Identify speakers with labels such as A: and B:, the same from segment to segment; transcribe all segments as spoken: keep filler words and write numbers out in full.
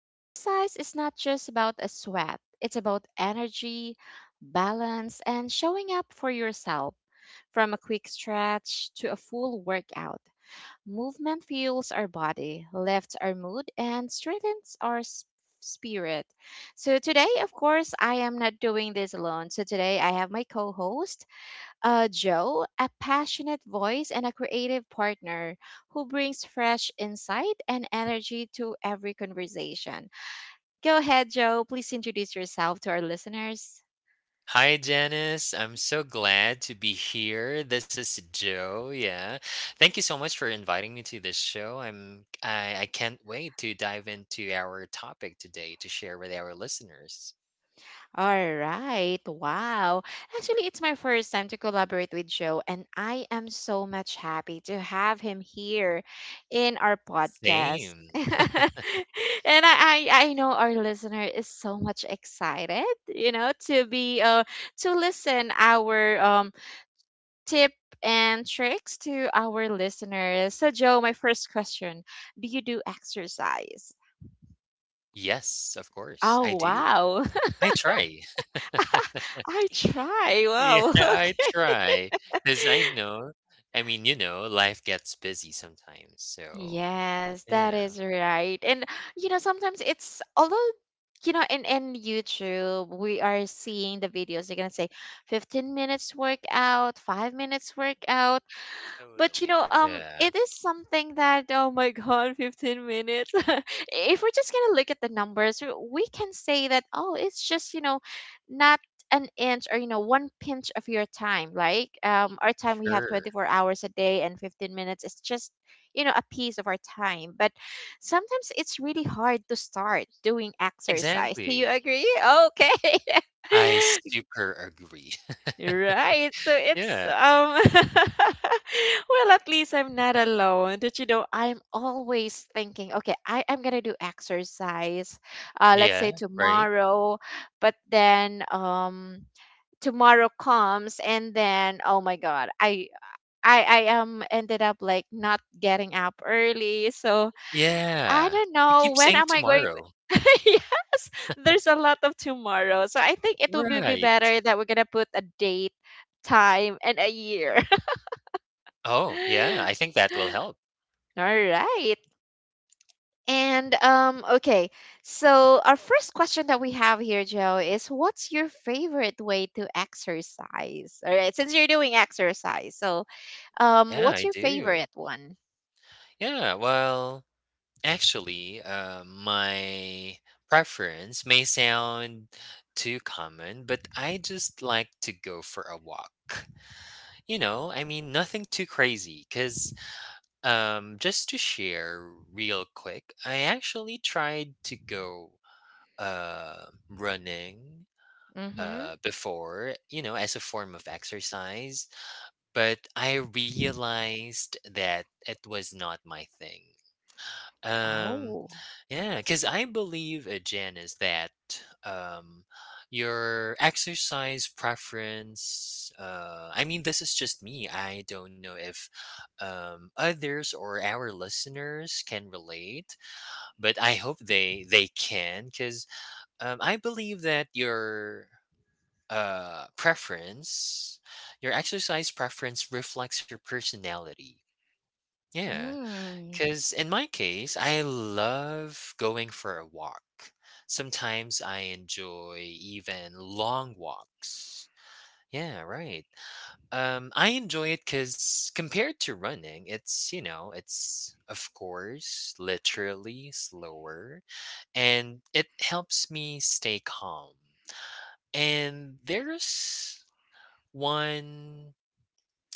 A: Exercise is not just about a sweat, it's about energy, balance, and showing up for yourself. From a quick stretch to a full workout, movement fuels our body, lifts our mood, and strengthens our s- spirit. So, today, of course, I am not doing this alone. So, today I have my co host uh, Joe, a passionate voice and a creative partner who brings fresh insight and energy to every conversation. Go ahead, Joe. Please introduce yourself to our listeners.
B: Hi, Janice. I'm so glad to be here. This is Joe. Yeah. Thank you so much for inviting me to this show. I'm I, I can't wait to dive into our topic today to share with our listeners.
A: All right. Wow. Actually, it's my first time to collaborate with Joe, and I am so much happy to have him here in our podcast.
B: Same.
A: and I, I, I know our listener is so much excited, you know, to be uh to listen our um tip and tricks to our listeners. So Joe, my first question, do you do exercise?
B: Yes, of course, I
A: Oh
B: do.
A: wow.
B: I try.
A: I try.
B: Yeah,
A: Wow.
B: I try. Because I know, I mean, you know, life gets busy sometimes. So,
A: Yes, that
B: yeah,
A: is right. And you know, sometimes it's although you know, in in YouTube, we are seeing the videos. They're gonna say fifteen minutes workout, five minutes workout. But you
B: totally.
A: know, um,
B: Yeah,
A: it is something that oh my god, fifteen minutes. If we're just gonna look at the numbers, w- we can say that oh, it's just you know, not an inch or you know, one pinch of your time. Like um, our time we have
B: sure.
A: twenty-four hours a day and fifteen minutes is just you know a piece of our time. But sometimes it's really hard to start doing exercise. Do you
B: Exactly.
A: agree? Okay.
B: I super agree.
A: Right. So it's
B: Yeah.
A: um well at least I'm not alone. That You know, I'm always thinking, okay, I, I'm gonna do exercise, uh, let's
B: Yeah,
A: say
B: right?
A: tomorrow, but then um tomorrow comes and then oh my god, I I I um ended up like not getting up early. So I
B: Yeah.
A: don't
B: We
A: know
B: keep
A: when
B: saying
A: am I going.
B: tomorrow.
A: Yes, there's a lot of tomorrow. So I think it would be be
B: Right.
A: better that we're gonna put a date, time, and a year.
B: Oh, yeah, I think that will help.
A: All right. And um okay. So our first question that we have here, Joe, is what's your favorite way to exercise? All right, since you're doing exercise, so um
B: Yeah,
A: what's
B: I
A: your
B: do.
A: favorite one?
B: Yeah, well, actually, uh, my preference may sound too common, but I just like to go for a walk. You know, I mean, nothing too crazy, because um, just to share real quick, I actually tried to go uh, running
A: Mm-hmm.
B: uh, before, you know, as a form of exercise. But I realized that it was not my thing. Um,
A: Oh.
B: yeah, because I believe, uh, Janice, that um, your exercise preference, uh, I mean, this is just me. I don't know if um, others or our listeners can relate, but I hope they they can because um, I believe that your uh, preference, your exercise preference reflects your personality. Yeah.
A: Mm.
B: Because in my case, I love going for a walk. Sometimes I enjoy even long walks. Yeah, right. Um, I enjoy it because compared to running, it's, you know, it's, of course, literally slower, and it helps me stay calm. And there's one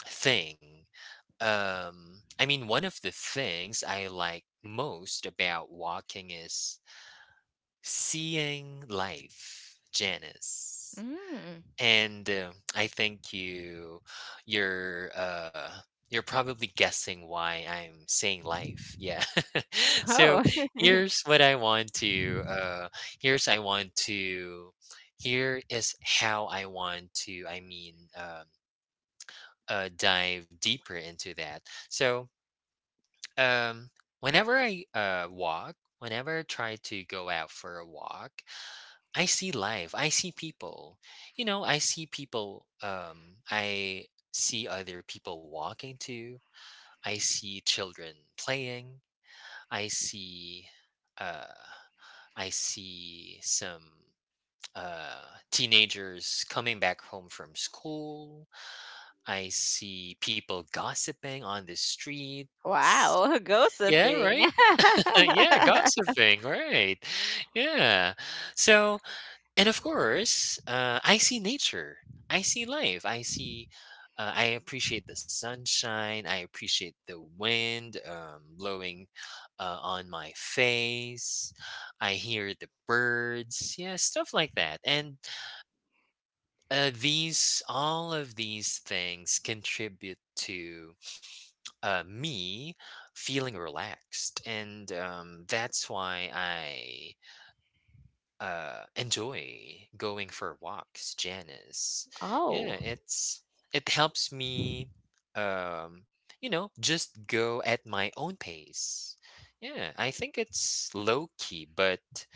B: thing. Um, I mean, one of the things I like most about walking is seeing life, Janice.
A: Mm.
B: And, um, I think you you're, uh, you're probably guessing why I'm saying life, yeah. So,
A: Oh.
B: here's what I want to, uh, here's I want to here is how I want to, I mean, um, uh, dive deeper into that. So, um, whenever I, uh, walk, whenever I try to go out for a walk, I see life. I see people. You know, I see people. Um, I see other people walking to. I see children playing. I see. Uh, I see some uh, teenagers coming back home from school. I see people gossiping on the streets.
A: Wow,
B: Yeah,
A: gossiping.
B: right. yeah, gossiping. Right. Yeah. So And of course, uh, I see nature. I see life. I see. Uh, I appreciate the sunshine. I appreciate the wind um, blowing uh, on my face. I hear the birds. Yeah, stuff like that. And uh, these, all of these things contribute to uh, me feeling relaxed, and um, that's why I uh enjoy going for walks, Janice. Yeah,
A: Oh,
B: it's it helps me, um you know, just go at my own pace. Yeah, I think it's low key but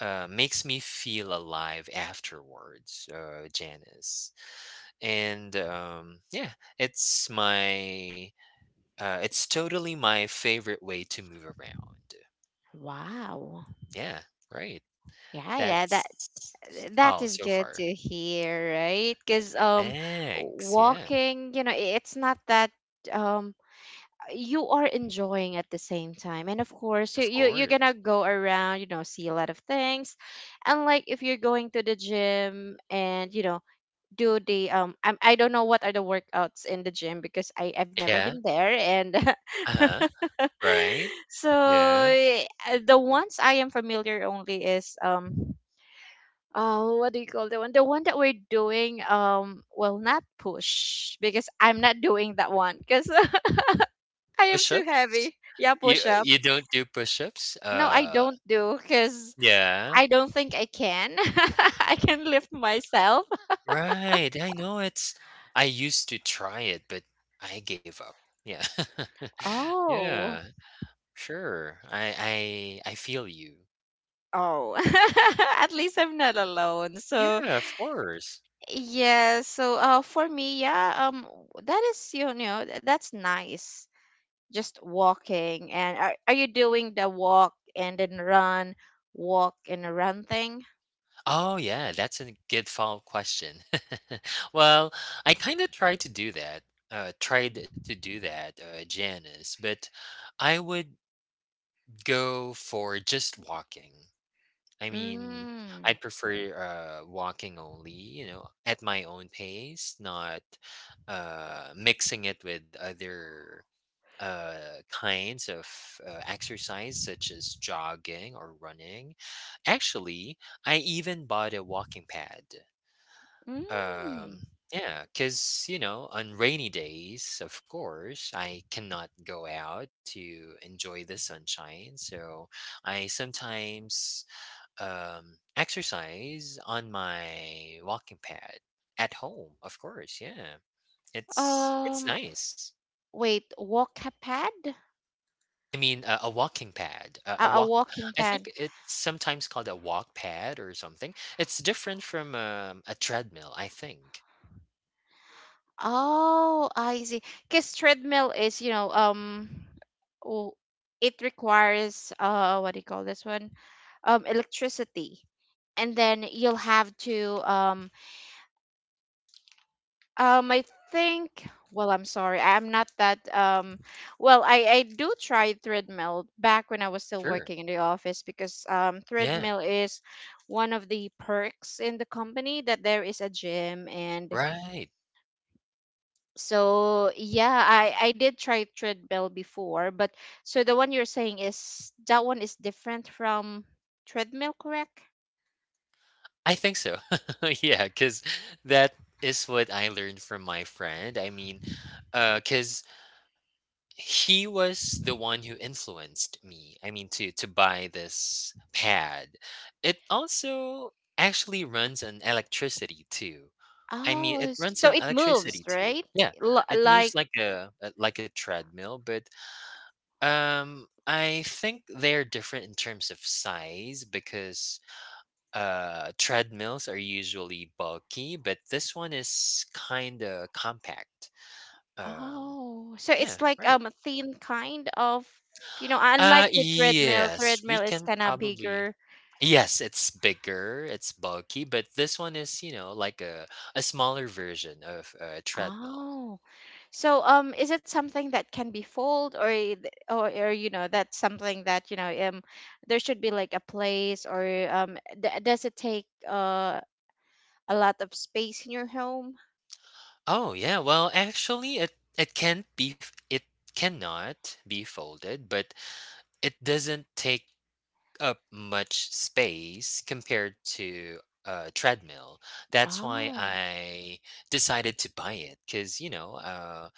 B: uh makes me feel alive afterwards, uh, Janice. And um, yeah, it's my, uh it's totally my favorite way to move around.
A: wow.
B: Yeah, right.
A: Yeah, yeah, that
B: That's
A: that
B: all
A: is
B: so
A: good to
B: far.
A: hear, right? Because um
B: Thanks, yeah,
A: walking, you know, i- it's not that um you are enjoying at the same time. And of course, you,
B: of
A: you you're gonna
B: course.
A: go around, you know, see a lot of things. And like if you're going to the gym and, you know, do the um I'm, I don't know what are the workouts in the gym because I I've never
B: Yeah,
A: been there and
B: uh-huh, right,
A: so
B: yeah.
A: eh, uh, the ones I am familiar only is um oh what do you call the one the one that we're doing um well not push because I'm not doing that one because I am too
B: Push-up?
A: heavy yeah
B: You
A: push
B: uh,
A: up.
B: you don't do push-ups?
A: No I
B: Uh,
A: don't do because
B: yeah,
A: I don't think I can I can lift myself.
B: right, I know it's, I used to try it, but I gave up. Yeah.
A: Oh.
B: Yeah, sure, I I I feel you.
A: Oh, at least I'm not alone. So
B: Yeah, of course.
A: yeah, so uh, for me, yeah, um, that is you know th- that's nice. Just walking, and are are you doing the walk and then run, walk and run thing?
B: Oh, yeah, that's a good follow-up question. Well, I kind of tried to do that, uh, tried to do that, uh, Janice, but I would go for just walking. I mean, I
A: Mm.
B: prefer uh, walking only, you know, at my own pace, not uh, mixing it with other uh, kinds of uh, exercise, such as jogging or running. Actually, I even bought a walking pad. Um,
A: Mm.
B: yeah, because, you know, on rainy days, of course, I cannot go out to enjoy the sunshine. So I sometimes um, exercise on my walking pad at home, of course. Yeah, it's it's
A: Um,
B: nice.
A: wait, walk a pad?
B: I mean, a, a walking pad, a,
A: A,
B: a
A: a
B: walk.
A: walking
B: I
A: pad.
B: think it's sometimes called a walk pad or something. It's different from um, a treadmill, I think.
A: Oh, I see. Because treadmill is, you know, um, w- it requires uh, what do you call this one? Um, electricity, and then you'll have to um, um, I think. Well, I'm sorry, I'm not that um. Well, I I do try treadmill back when I was still
B: Sure.
A: working in the office because um,
B: Yeah.
A: treadmill is one of the perks in the company that there is a gym and
B: Right.
A: so yeah, I I did try treadmill before, but so the one you're saying is that one is different from treadmill, correct?
B: I think so. yeah. Cause that is what I learned from my friend. I mean, uh, cause he was the one who influenced me, I mean, to to buy this pad. It also actually runs on electricity too. I mean, it
A: Oh,
B: runs
A: so
B: on
A: it moves,
B: electricity too.
A: right?
B: Yeah,
A: L-
B: it moves
A: like
B: like a a like a treadmill, but, um, I think they're different in terms of size because uh treadmills are usually bulky, but this one is kind of compact. um
A: oh, so
B: yeah,
A: it's like
B: right.
A: um a thin kind of you know,
B: uh
A: unlike with treadmill,
B: yes, we
A: treadmill is
B: can
A: kind of
B: probably,
A: bigger.
B: yes, it's bigger, it's bulky, but this one is, you know, like a a smaller version of a treadmill.
A: So, um, is it something that can be fold, or i- th- or, or you know, that's something that you know, um, there should be like a place, or um, d- does it take uh a lot of space in your home?
B: Oh yeah, well, actually, it it can not be f- it cannot be folded, but it doesn't take up much space compared to a treadmill. That's why
A: Oh,
B: I decided to buy it because, you know, uh,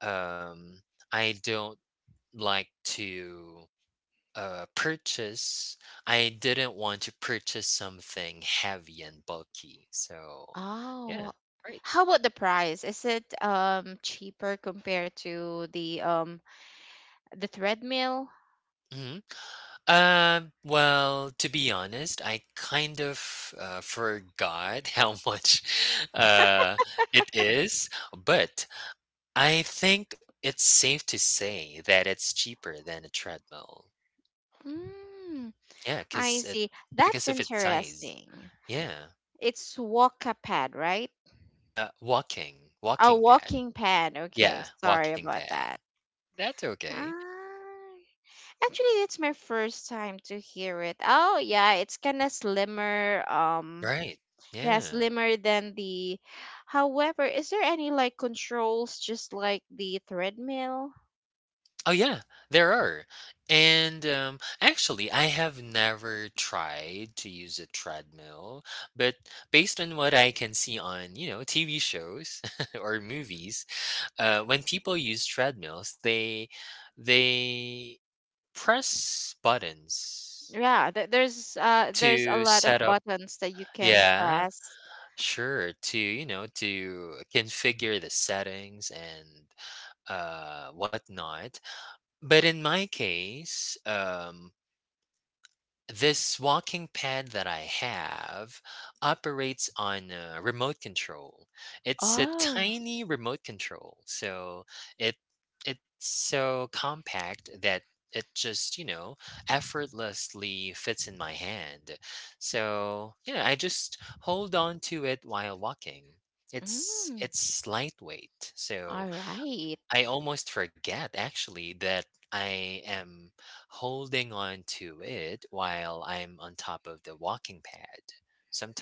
B: um, I don't like to uh, purchase. I didn't want to purchase something heavy and bulky. So, yeah,
A: oh.
B: right.
A: How about the price? Is it um cheaper compared to the um the treadmill?
B: Mhm. Um, well, to be honest, I kind of uh, forgot how much uh, it is, but I think it's safe to say that it's cheaper than a treadmill.
A: Mm,
B: Yeah,
A: I
B: because it,
A: see. That's
B: because of its size.
A: interesting.
B: Yeah.
A: It's walk pad, right?
B: Uh, walking,
A: A
B: walking pad.
A: walking pad. Okay,
B: Yeah,
A: sorry
B: walking
A: about
B: pad.
A: that.
B: That's okay.
A: Ah, actually, it's my first time to hear it. Oh, yeah, it's kind of slimmer. Um,
B: Right.
A: yeah,
B: Yeah.
A: slimmer than the. However, is there any like controls just like the treadmill?
B: Oh yeah, there are. And um, actually, I have never tried to use a treadmill, but based on what I can see on, you know, T V shows or movies, uh, when people use treadmills, they they press buttons
A: Yeah, th- there's uh there's a
B: to
A: lot
B: set
A: of
B: up.
A: buttons that you can
B: Yeah,
A: press.
B: sure. To, you know, to configure the settings and uh, whatnot. But in my case, um, this walking pad that I have operates on a remote control. It's a
A: Oh,
B: tiny remote control, so it it's so compact that it just, you know, effortlessly fits in my hand. So, yeah, I just hold on to it while walking. It's
A: mm,
B: it's lightweight, so
A: all right.
B: I almost forget, actually, that I am holding on to it while I'm on top of the walking pad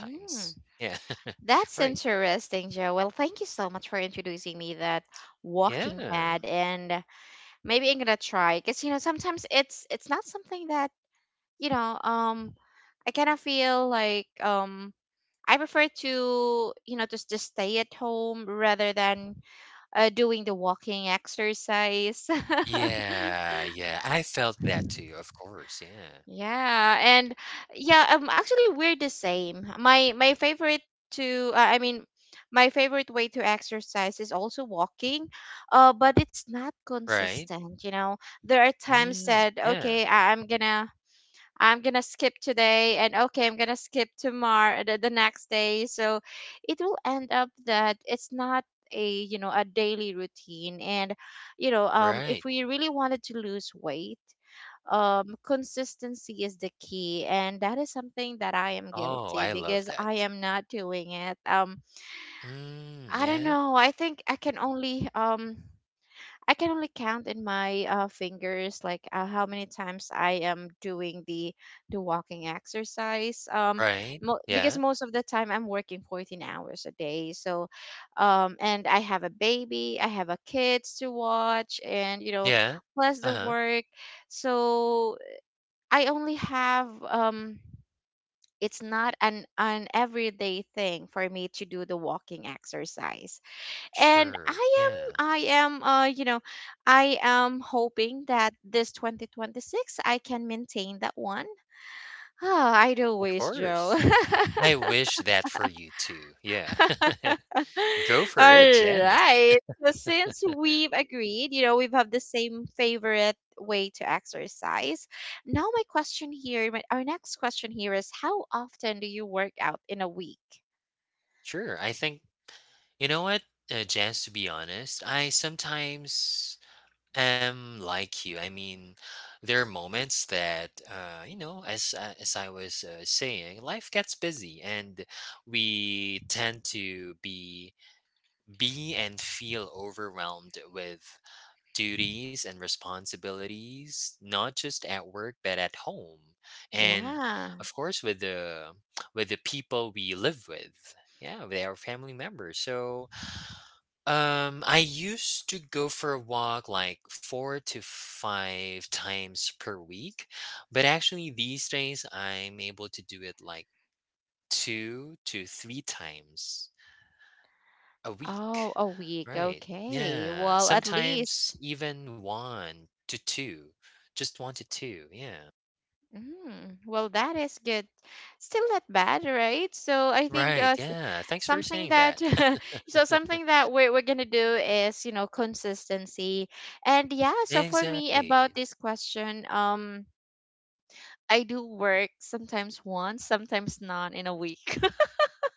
A: Mm,
B: Yeah.
A: that's
B: right.
A: interesting, Joe. Well, thank you so much for introducing me that walking
B: Yeah.
A: pad and maybe I'm gonna try because you know sometimes it's it's not something that you know um I kind of feel like um I prefer to you know just just stay at home rather than uh, doing the walking exercise.
B: Yeah. Yeah. I felt that too, of course. Yeah.
A: Yeah, and yeah, I'm actually we're the same. My my favorite to uh, I mean my favorite way to exercise is also walking uh, but it's not
B: Right.
A: consistent you know there are times
B: Mm,
A: that
B: yeah.
A: okay I- i'm gonna I'm gonna skip today and okay, I'm gonna skip tomorrow the, the next day. So it will end up that it's not a you know a daily routine and you know um
B: Right.
A: if we really wanted to lose weight um consistency is the key and that is something that I am
B: Oh,
A: guilty
B: I love
A: because I
B: that.
A: am not doing it um
B: Mm,
A: I don't
B: yeah.
A: know I think I can only um I can only count in my uh, fingers like uh, how many times I am doing the the walking exercise. Um,
B: Right.
A: mo- because
B: Yeah.
A: most of the time I'm working fourteen hours a day. So, um, and I have a baby, I have a kids to watch, and you know,
B: Yeah.
A: plus
B: Uh
A: the
B: huh.
A: work. So I only have um. It's not an an everyday thing for me to do the walking exercise and
B: Sure.
A: i
B: Yeah.
A: am I am uh you know I am hoping that this twenty twenty-six I can maintain that one. Oh I do
B: Of
A: wish joe.
B: course. I wish that for you too. Yeah.
A: All
B: Go for it, Janice.
A: right so since we've agreed you know we've have the same favorite way to exercise now my question here my, our next question here is how often do you work out in a week
B: Sure. I think, you know what, uh, Janice, to be honest, I sometimes am like you. I mean, there are moments that, uh, you know, as, uh, as I was uh, saying, life gets busy and we tend to be, be and feel overwhelmed with duties and responsibilities, not just at work but at home, and
A: yeah.
B: of course with the, with the people we live with. Yeah, with our family members. So, um, I used to go for a walk like four to five times per week, but actually these days I'm able to do it like two to three times a week.
A: Oh, a week.
B: Right.
A: Okay.
B: Yeah.
A: Well, at
B: Sometimes
A: least
B: even one to two. Just one to two. Yeah.
A: mm, well, that is good. Still not bad, right? So I think
B: Right.
A: uh, s-
B: Yeah. Thanks for
A: something
B: saying that.
A: that so something that we're, we're gonna do is you know consistency, and yeah. So for me
B: Exactly.
A: about this question, um, I do work sometimes once, sometimes not in a week.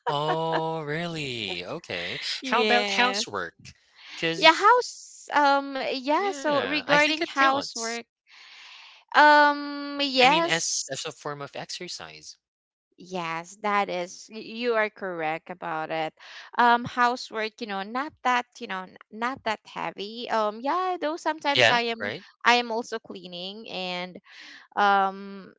B: Oh, really? Okay. How about
A: Yes.
B: housework?
A: Yeah.
B: Because
A: House. Um. Yeah. So
B: yeah, I think
A: regarding
B: it counts.
A: housework, um.
B: I mean, as
A: Yes.
B: as a form of exercise.
A: Yes, that is, y- you are correct about it. Um, housework, you know, not that, you know, n- not that heavy. Um, yeah, though sometimes
B: Yeah.
A: I am,
B: Right?
A: I am also cleaning and, um,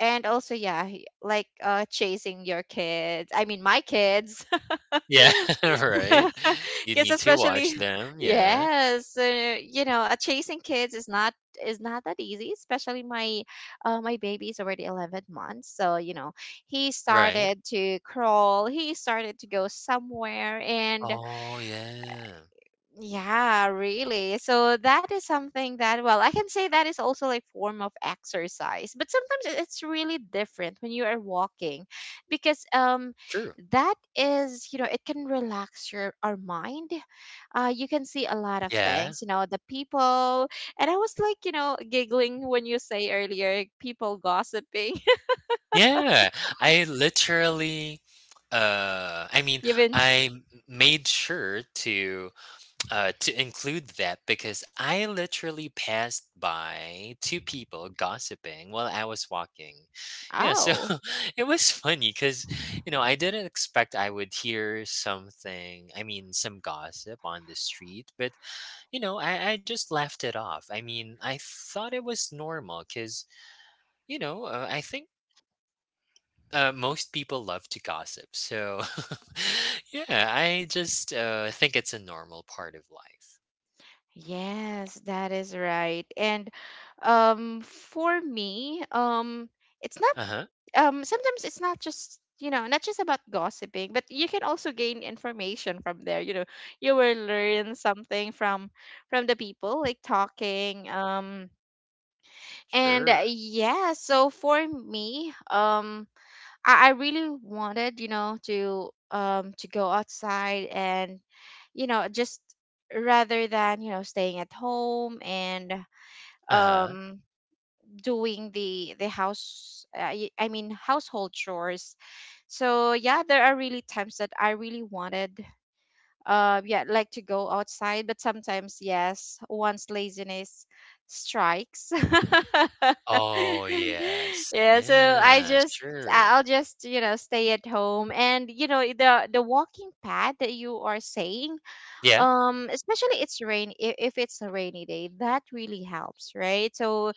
A: and also, yeah, he- like, uh, chasing your kids. I mean, my kids.
B: Yeah. Right. You
A: Kids
B: need to watch
A: especially
B: them. Yeah.
A: yes uh, you know uh, chasing kids is not is not that easy especially my uh, my baby is already eleven months so you know he
B: Right.
A: started to crawl he started to go somewhere and
B: Oh, yeah.
A: yeah really so that is something that well I can say that is also like form of exercise but sometimes it- it's really different when you are walking because um
B: True.
A: that is you know it can relax your our mind uh, you can see a lot of
B: Yeah.
A: things, you know, the people. And I was like, you know, giggling when you say earlier, people gossiping.
B: Yeah, I literally uh I mean,
A: You've been,
B: I m- made sure to uh to include that because I literally passed by two people gossiping while I was walking. Yeah, so
A: oh,
B: it was funny cuz, you know, I didn't expect I would hear something, I mean, some gossip on the street, but you know, I I just laughed it off. I mean, I thought it was normal cuz, you know, uh, I think uh, most people love to gossip. So, yeah, I just uh, think it's a normal part of life.
A: yes, that is right. And um, for me, um, it's not,
B: Uh huh.
A: um, sometimes it's not just, you know, not just about gossiping, but you can also gain information from there. You know, you will learn something from from the people, like talking, um, and
B: Sure.
A: uh, yeah, so for me, um, I, I really wanted, you know, to um to go outside and you know, just rather than, you know, staying at home and
B: Uh huh.
A: um doing the the house uh, y- I mean household chores. So yeah, there are really times that I really wanted uh, yeah, like to go outside, but sometimes, yes, once laziness strikes.
B: Oh, yes.
A: Yeah, so I
B: Yeah,
A: just
B: sure.
A: I'll just, you know, stay at home. And you know, the the walking pad that you are saying,
B: Yeah,
A: um especially it's rain if, if it's a rainy day, that really helps, right? So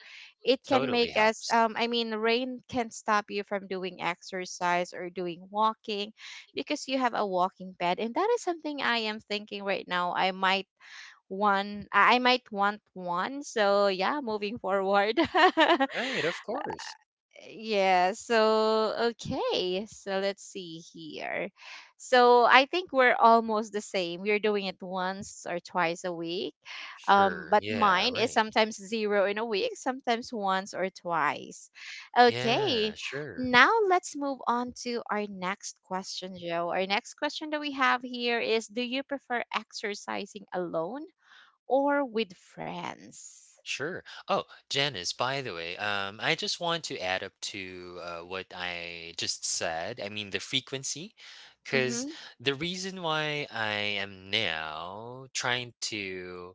A: it can
B: totally
A: make us
B: helps.
A: um I mean, rain can stop you from doing exercise or doing walking, because you have a walking pad. And that is something I am thinking right now. I might one i I might want one. So yeah, moving forward.
B: Right, of course.
A: Yeah, so okay, so let's see here. So I think we're almost the same. We're doing it once or twice a week. Um,
B: Sure.
A: but
B: Yeah,
A: mine is
B: right.
A: sometimes zero in a week, sometimes once or twice.
B: Yeah,
A: Okay,
B: sure.
A: now let's move on to our next question, Joe. Our next question that we have here is: Do you prefer exercising alone or with friends?
B: Sure. Oh, Janice, by the way, um, I just want to add up to, uh, what I just said. I mean, the frequency, because
A: Mm-hmm.
B: the reason why I am now trying to,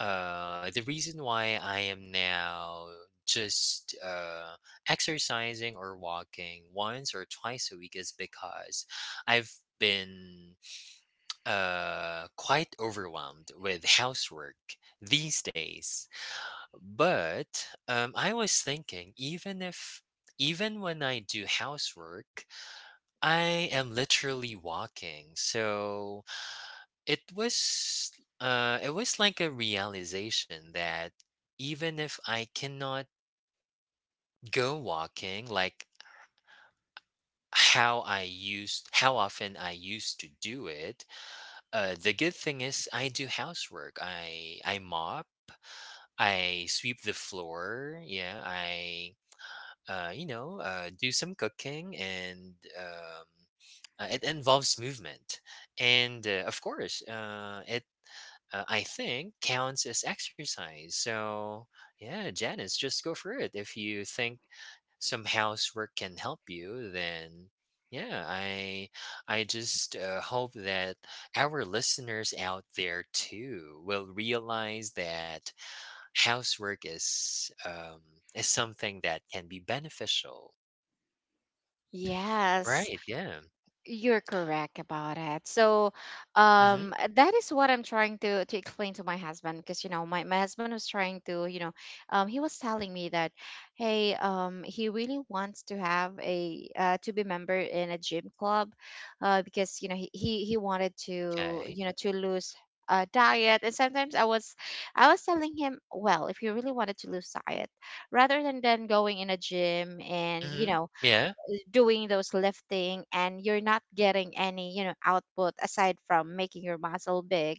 B: uh, the reason why I am now just uh, exercising or walking once or twice a week is because I've been uh, quite overwhelmed with housework these days. But um, I was thinking, even if, even when I do housework, I am literally walking. So it was, uh, it was like a realization that even if I cannot go walking, like how I used, how often I used to do it, uh, the good thing is I do housework. I I mop, I sweep the floor. Yeah, I uh, you know, uh, do some cooking and um, uh, it involves movement. And uh, of course, uh, it uh, I think counts as exercise. So yeah, Janice, just go for it. If you think some housework can help you, then yeah, I I just uh, hope that our listeners out there too will realize that housework is, um, is something that can be beneficial.
A: Yes.
B: Right, yeah.
A: You're correct about it. So,
B: Mhm,
A: um, that is what I'm trying to to explain to my husband, because you know my my husband was trying to, you know, um, he was telling me that, hey, um, he really wants to have a uh, to be member in a gym club, uh, because you know he he he wanted to,
B: 'kay.
A: you know to lose. Uh, diet. And sometimes I was I was telling him, well, if you really wanted to lose diet, rather than then going in a gym and, you
B: Mhm.
A: know
B: Yeah,
A: doing those lifting and you're not getting any, you know output aside from making your muscle big,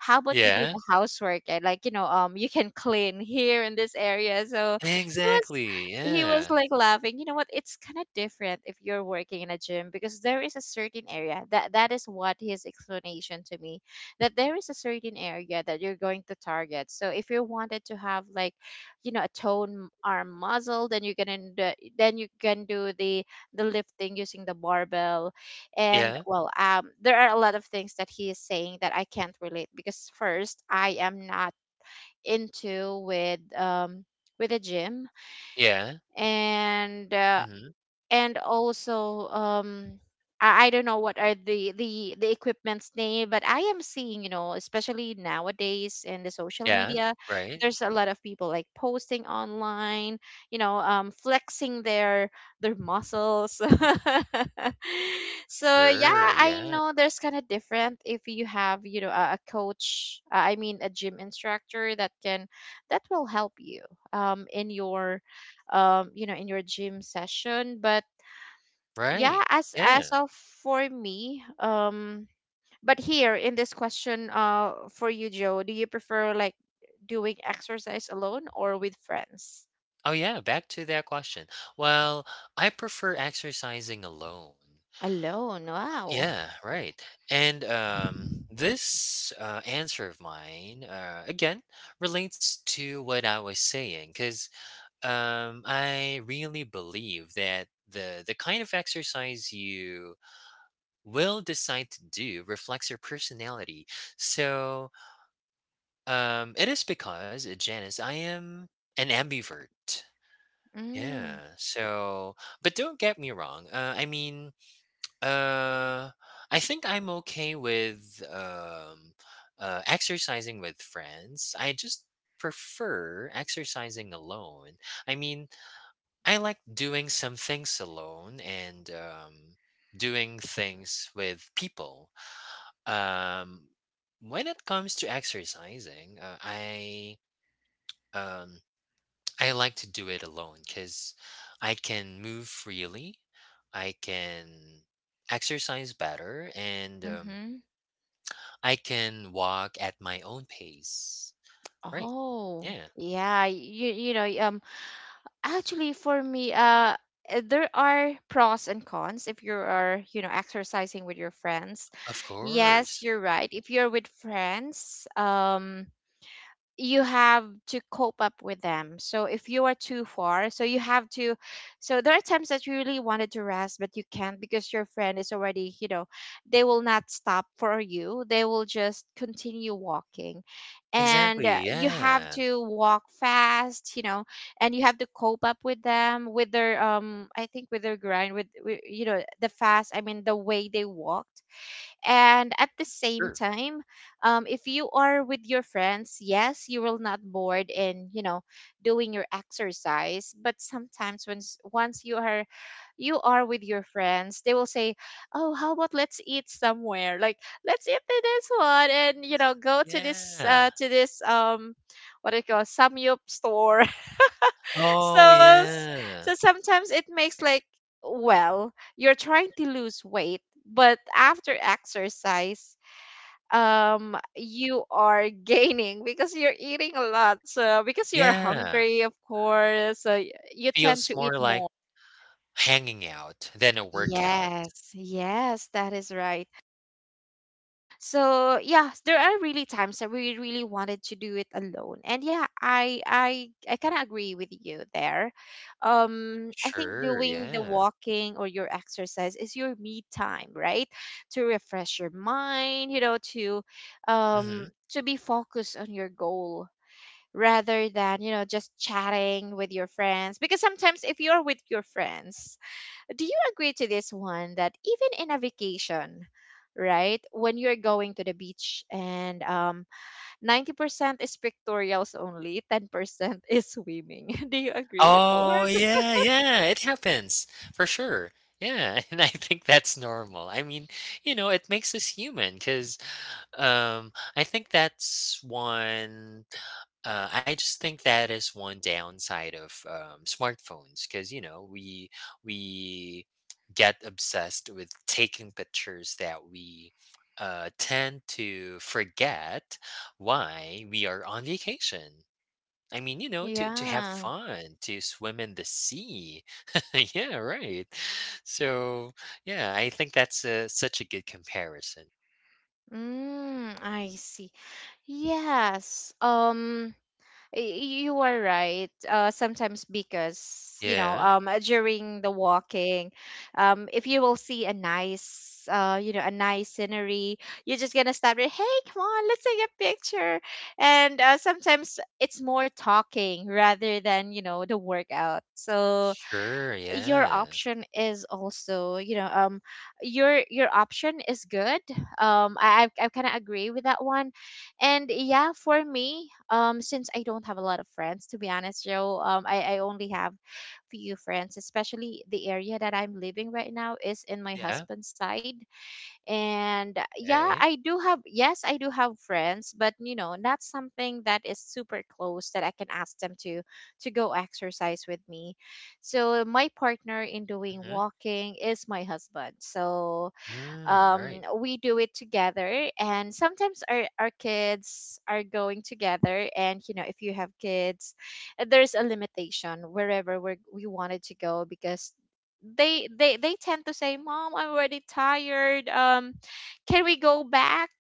A: how about you do
B: yeah.
A: the housework? And, like, you know um you can clean here in this area. So he was
B: Exactly,
A: he was
B: yeah.
A: like laughing. You know what, it's kind of different if you're working in a gym, because there is a certain area, that that is what his explanation to me: that there is a certain area that you're going to target. So if you wanted to have, like, you know a toned arm muscle, then you can, uh, then you can do the the lifting using the barbell. And,
B: Yeah,
A: well, um there are a lot of things that he is saying that I can't relate, because first, I am not into with um with a gym,
B: yeah.
A: and uh,
B: Mhm.
A: and also, um I, I don't know what are the the the equipment's name. But I am seeing, you know especially nowadays in the social
B: Yeah,
A: media,
B: right.
A: there's a lot of people, like, posting online, you know um flexing their their muscles. So yeah,
B: Sure,
A: I
B: yeah.
A: know there's kind of different if you have, you know a, a coach, uh, I mean, a gym instructor, that can that will help you um in your um you know in your gym session. But yeah,
B: Right,
A: as as
B: yeah.
A: of for me, um but here in this question, uh for you, Joe, do you prefer, like, doing exercise alone or with friends?
B: Oh, yeah, back to that question. Well, I prefer exercising alone.
A: Alone. Wow.
B: Yeah, right, and, um, this, uh, answer of mine, uh, again, relates to what I was saying, because. Um, I really believe that the the kind of exercise you will decide to do reflects your personality. So, um, it is because uh, Janice, I am an ambivert. Yeah.
A: Mm,
B: So, but don't get me wrong. Uh, I mean, uh, I think I'm okay with um, uh, exercising with friends. I just prefer exercising alone. I mean, I like doing some things alone and um, doing things with people. Um, when it comes to exercising, uh, I um, I like to do it alone because I can move freely, I can exercise better, and um,
A: mm-hmm.
B: I can walk at my own pace. Right?
A: Oh.
B: Yeah,
A: Yeah, you you know, um actually, for me, uh uh, there are pros and cons if you are, you know, exercising with your friends.
B: of
A: Yes,
B: course.
A: you're right. If you're with friends, um you have to cope up with them. So if you are too far, so you have to so there are times that you really wanted to rest, but you can't, because your friend is already, you know, they will not stop for you. They will just continue walking. And uh,
B: Exactly.
A: you have
B: Yeah.
A: to walk fast, you know, and you have to cope up with them with their, um I think, with their grind, with, with you know, the fast, I mean, the way they walk. And at the same
B: Sure.
A: time, um, if you are with your friends, yes, you will not bored in, you know doing your exercise. But sometimes, once once you are you are with your friends, they will say, "Oh, how about let's eat somewhere? Like, let's eat to this one, and, you know go to this,
B: Yeah.
A: uh, to this, um what do you call, samyup store." So
B: Oh,
A: s- so
B: yeah.
A: sometimes it makes like, well, you're trying to lose weight, but after exercise, um you are gaining, because you're eating a lot. So because you are
B: Yeah.
A: hungry, of course, so y- you tend
B: Feels
A: to eat
B: more like
A: more.
B: hanging out than a workout.
A: Yes, yes, that is right. So yeah, there are really times that we really wanted to do it alone. And yeah, I I I kind of agree with you there. Um I think
B: Sure,
A: doing the
B: yeah.
A: walking or your exercise is your me time, right? To refresh your mind, you know, to um
B: Mhm.
A: to be focused on your goal, rather than, you know, just chatting with your friends. Because sometimes, if you're with your friends, do you agree to this one, that even in a vacation, right, when you're going to the beach, and um, ninety percent is pictorials only, ten percent is swimming? Do you agree with the
B: Oh,
A: one?
B: yeah, yeah, it happens for sure. Yeah, and I think that's normal. I mean, you know, it makes us human because um, I think that's one. Uh, I just think that is one downside of um, smartphones because you know we we get obsessed with taking pictures that we uh, tend to forget why we are on vacation. I mean, you know, to to have
A: Yeah.
B: fun, to swim in the sea. yeah, right. So, yeah, I think that's uh, such a good comparison.
A: Mm, I see. Yes. Um Y- You are right. Uh, sometimes, because you know,
B: Yeah,
A: um, uh, during the walking, um, if you will see a nice, uh, you know, a nice scenery, you're just gonna stop it. Hey, come on, let's take a picture. And uh, sometimes it's more talking rather than, you know the workout. So
B: sure.
A: your
B: Yeah,
A: option is also, you know um your your option is good. um i i, I kind of agree with that one. And yeah, for me, um since I don't have a lot of friends, to be honest, Joe, um i i only have few friends, especially the area that I'm living right now is in my
B: yeah.
A: husband's side. And uh, yeah,
B: Okay.
A: i do have yes I do have friends, but, you know not something that is super close that I can ask them to to go exercise with me. So my partner in doing
B: Hmm.
A: walking is my husband. So,
B: Mm,
A: um,
B: right.
A: we do it together. And sometimes our, our kids are going together. And, you know if you have kids, uh, there's a limitation wherever we're, we wanted to go, because they they they tend to say, "Mom, I'm already tired, um can we go back?"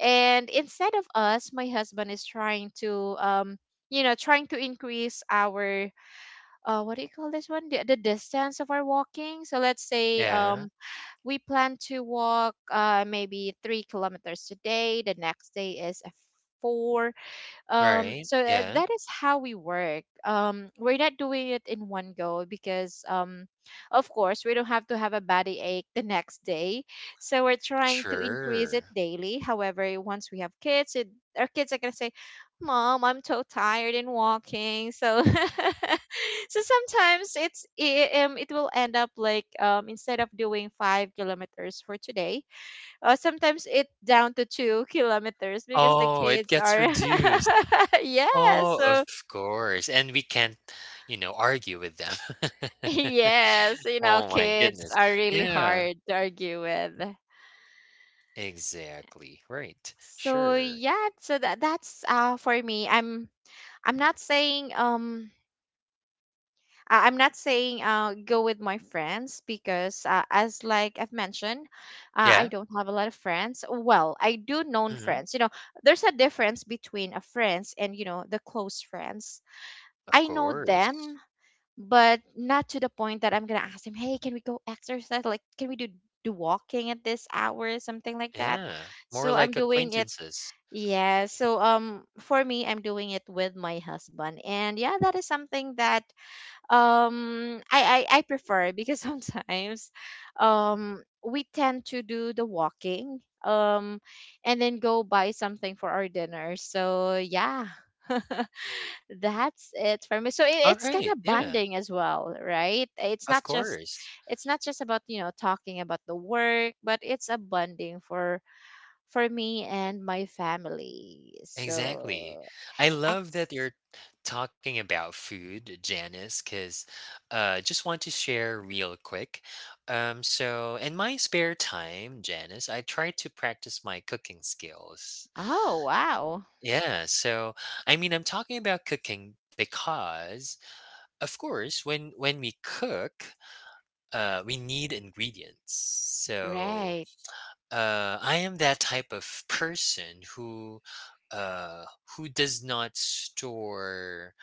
A: And instead of us, my husband is trying to, um you know trying to increase our, uh what do you call this one, the, the distance of our walking. So let's say,
B: Yeah.
A: um we plan to walk, uh, maybe three kilometers today. The next day is a four. Um
B: Right.
A: so, uh,
B: Yeah.
A: that is how we work. Um we're not doing it in one go, because, um of course, we don't have to have a body ache the next day. So we're trying to increase it
B: Sure.
A: daily. However, once we have kids, it, our kids are going to say, "Mom, I'm so tired in walking." So so sometimes it's it, um, it will end up like, um instead of doing five kilometers for today, uh, sometimes it down to two kilometers, because the
B: Oh, it
A: kids
B: gets
A: are
B: reduced.
A: yeah.
B: Oh, of
A: So
B: course. And we can't, you know, argue with them.
A: yes, you know
B: Oh my
A: kids
B: goodness.
A: are really
B: Yeah.
A: hard to argue with.
B: Exactly, right,
A: So
B: sure.
A: yeah, so that that's uh for me, i'm i'm not saying, um I- I'm not saying, uh, go with my friends. Because, uh, as like I've mentioned, uh, I
B: Yeah,
A: don't have a lot of friends. Well, I do known
B: mhm,
A: friends. You know, there's a difference between a friends and, you know the close friends.
B: of
A: I know
B: course.
A: them, but not to the point that I'm gonna ask them, "Hey, can we go exercise? Like, can we do do walking at this hour, something like that?"
B: Yeah, more
A: So
B: like
A: I'm doing it.
B: acquaintances.
A: Yeah. So, um, for me, I'm doing it with my husband. And yeah, that is something that, um I I, I prefer, because sometimes, um we tend to do the walking, um and then go buy something for our dinner. So yeah. That's it for me. So it, it's kind
B: Alright,
A: of
B: yeah,
A: bonding as well, right? it's
B: of
A: not just
B: course.
A: it's not just about, you know talking about the work, but it's a bonding for for me and my family.
B: Exactly.
A: So
B: I love that
A: ex-
B: you're talking about food, Janice. Cause, uh, just want to share real quick, um, so in my spare time, Janice, I try to practice my cooking skills.
A: oh, wow,
B: Yeah, so, I mean, I'm talking about cooking because of course, when when we cook, uh, we need ingredients. So
A: right,
B: uh, I am that type of person who uh, who does not store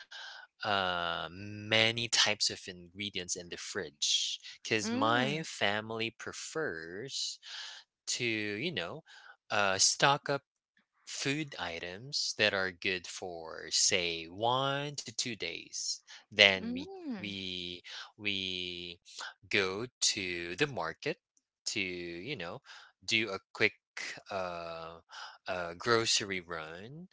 B: uh, many types of ingredients in the fridge because my
A: mm,
B: family prefers to you know uh, stock up food items that are good for say one to two days then we
A: mm.
B: we we go to the market to you know do a quick uh, uh grocery run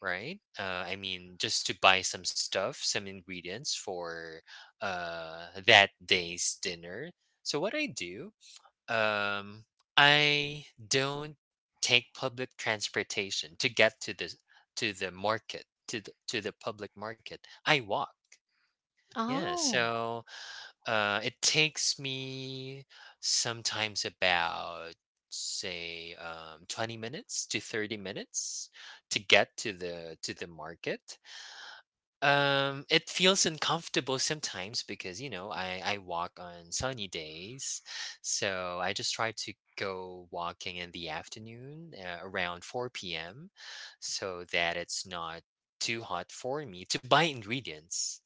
B: right uh I mean just to buy some stuff some ingredients for uh that day's dinner so what I do um, I don't take public transportation to get to the to the market to the, to the public market. I walk. Yeah,
A: Oh,
B: so uh, it takes me sometimes about say um, twenty minutes to thirty minutes to get to the to the market um, it feels uncomfortable sometimes because you know I I walk on sunny days, so I just try to go walking in the afternoon uh, around four p m so that it's not too hot for me to buy ingredients.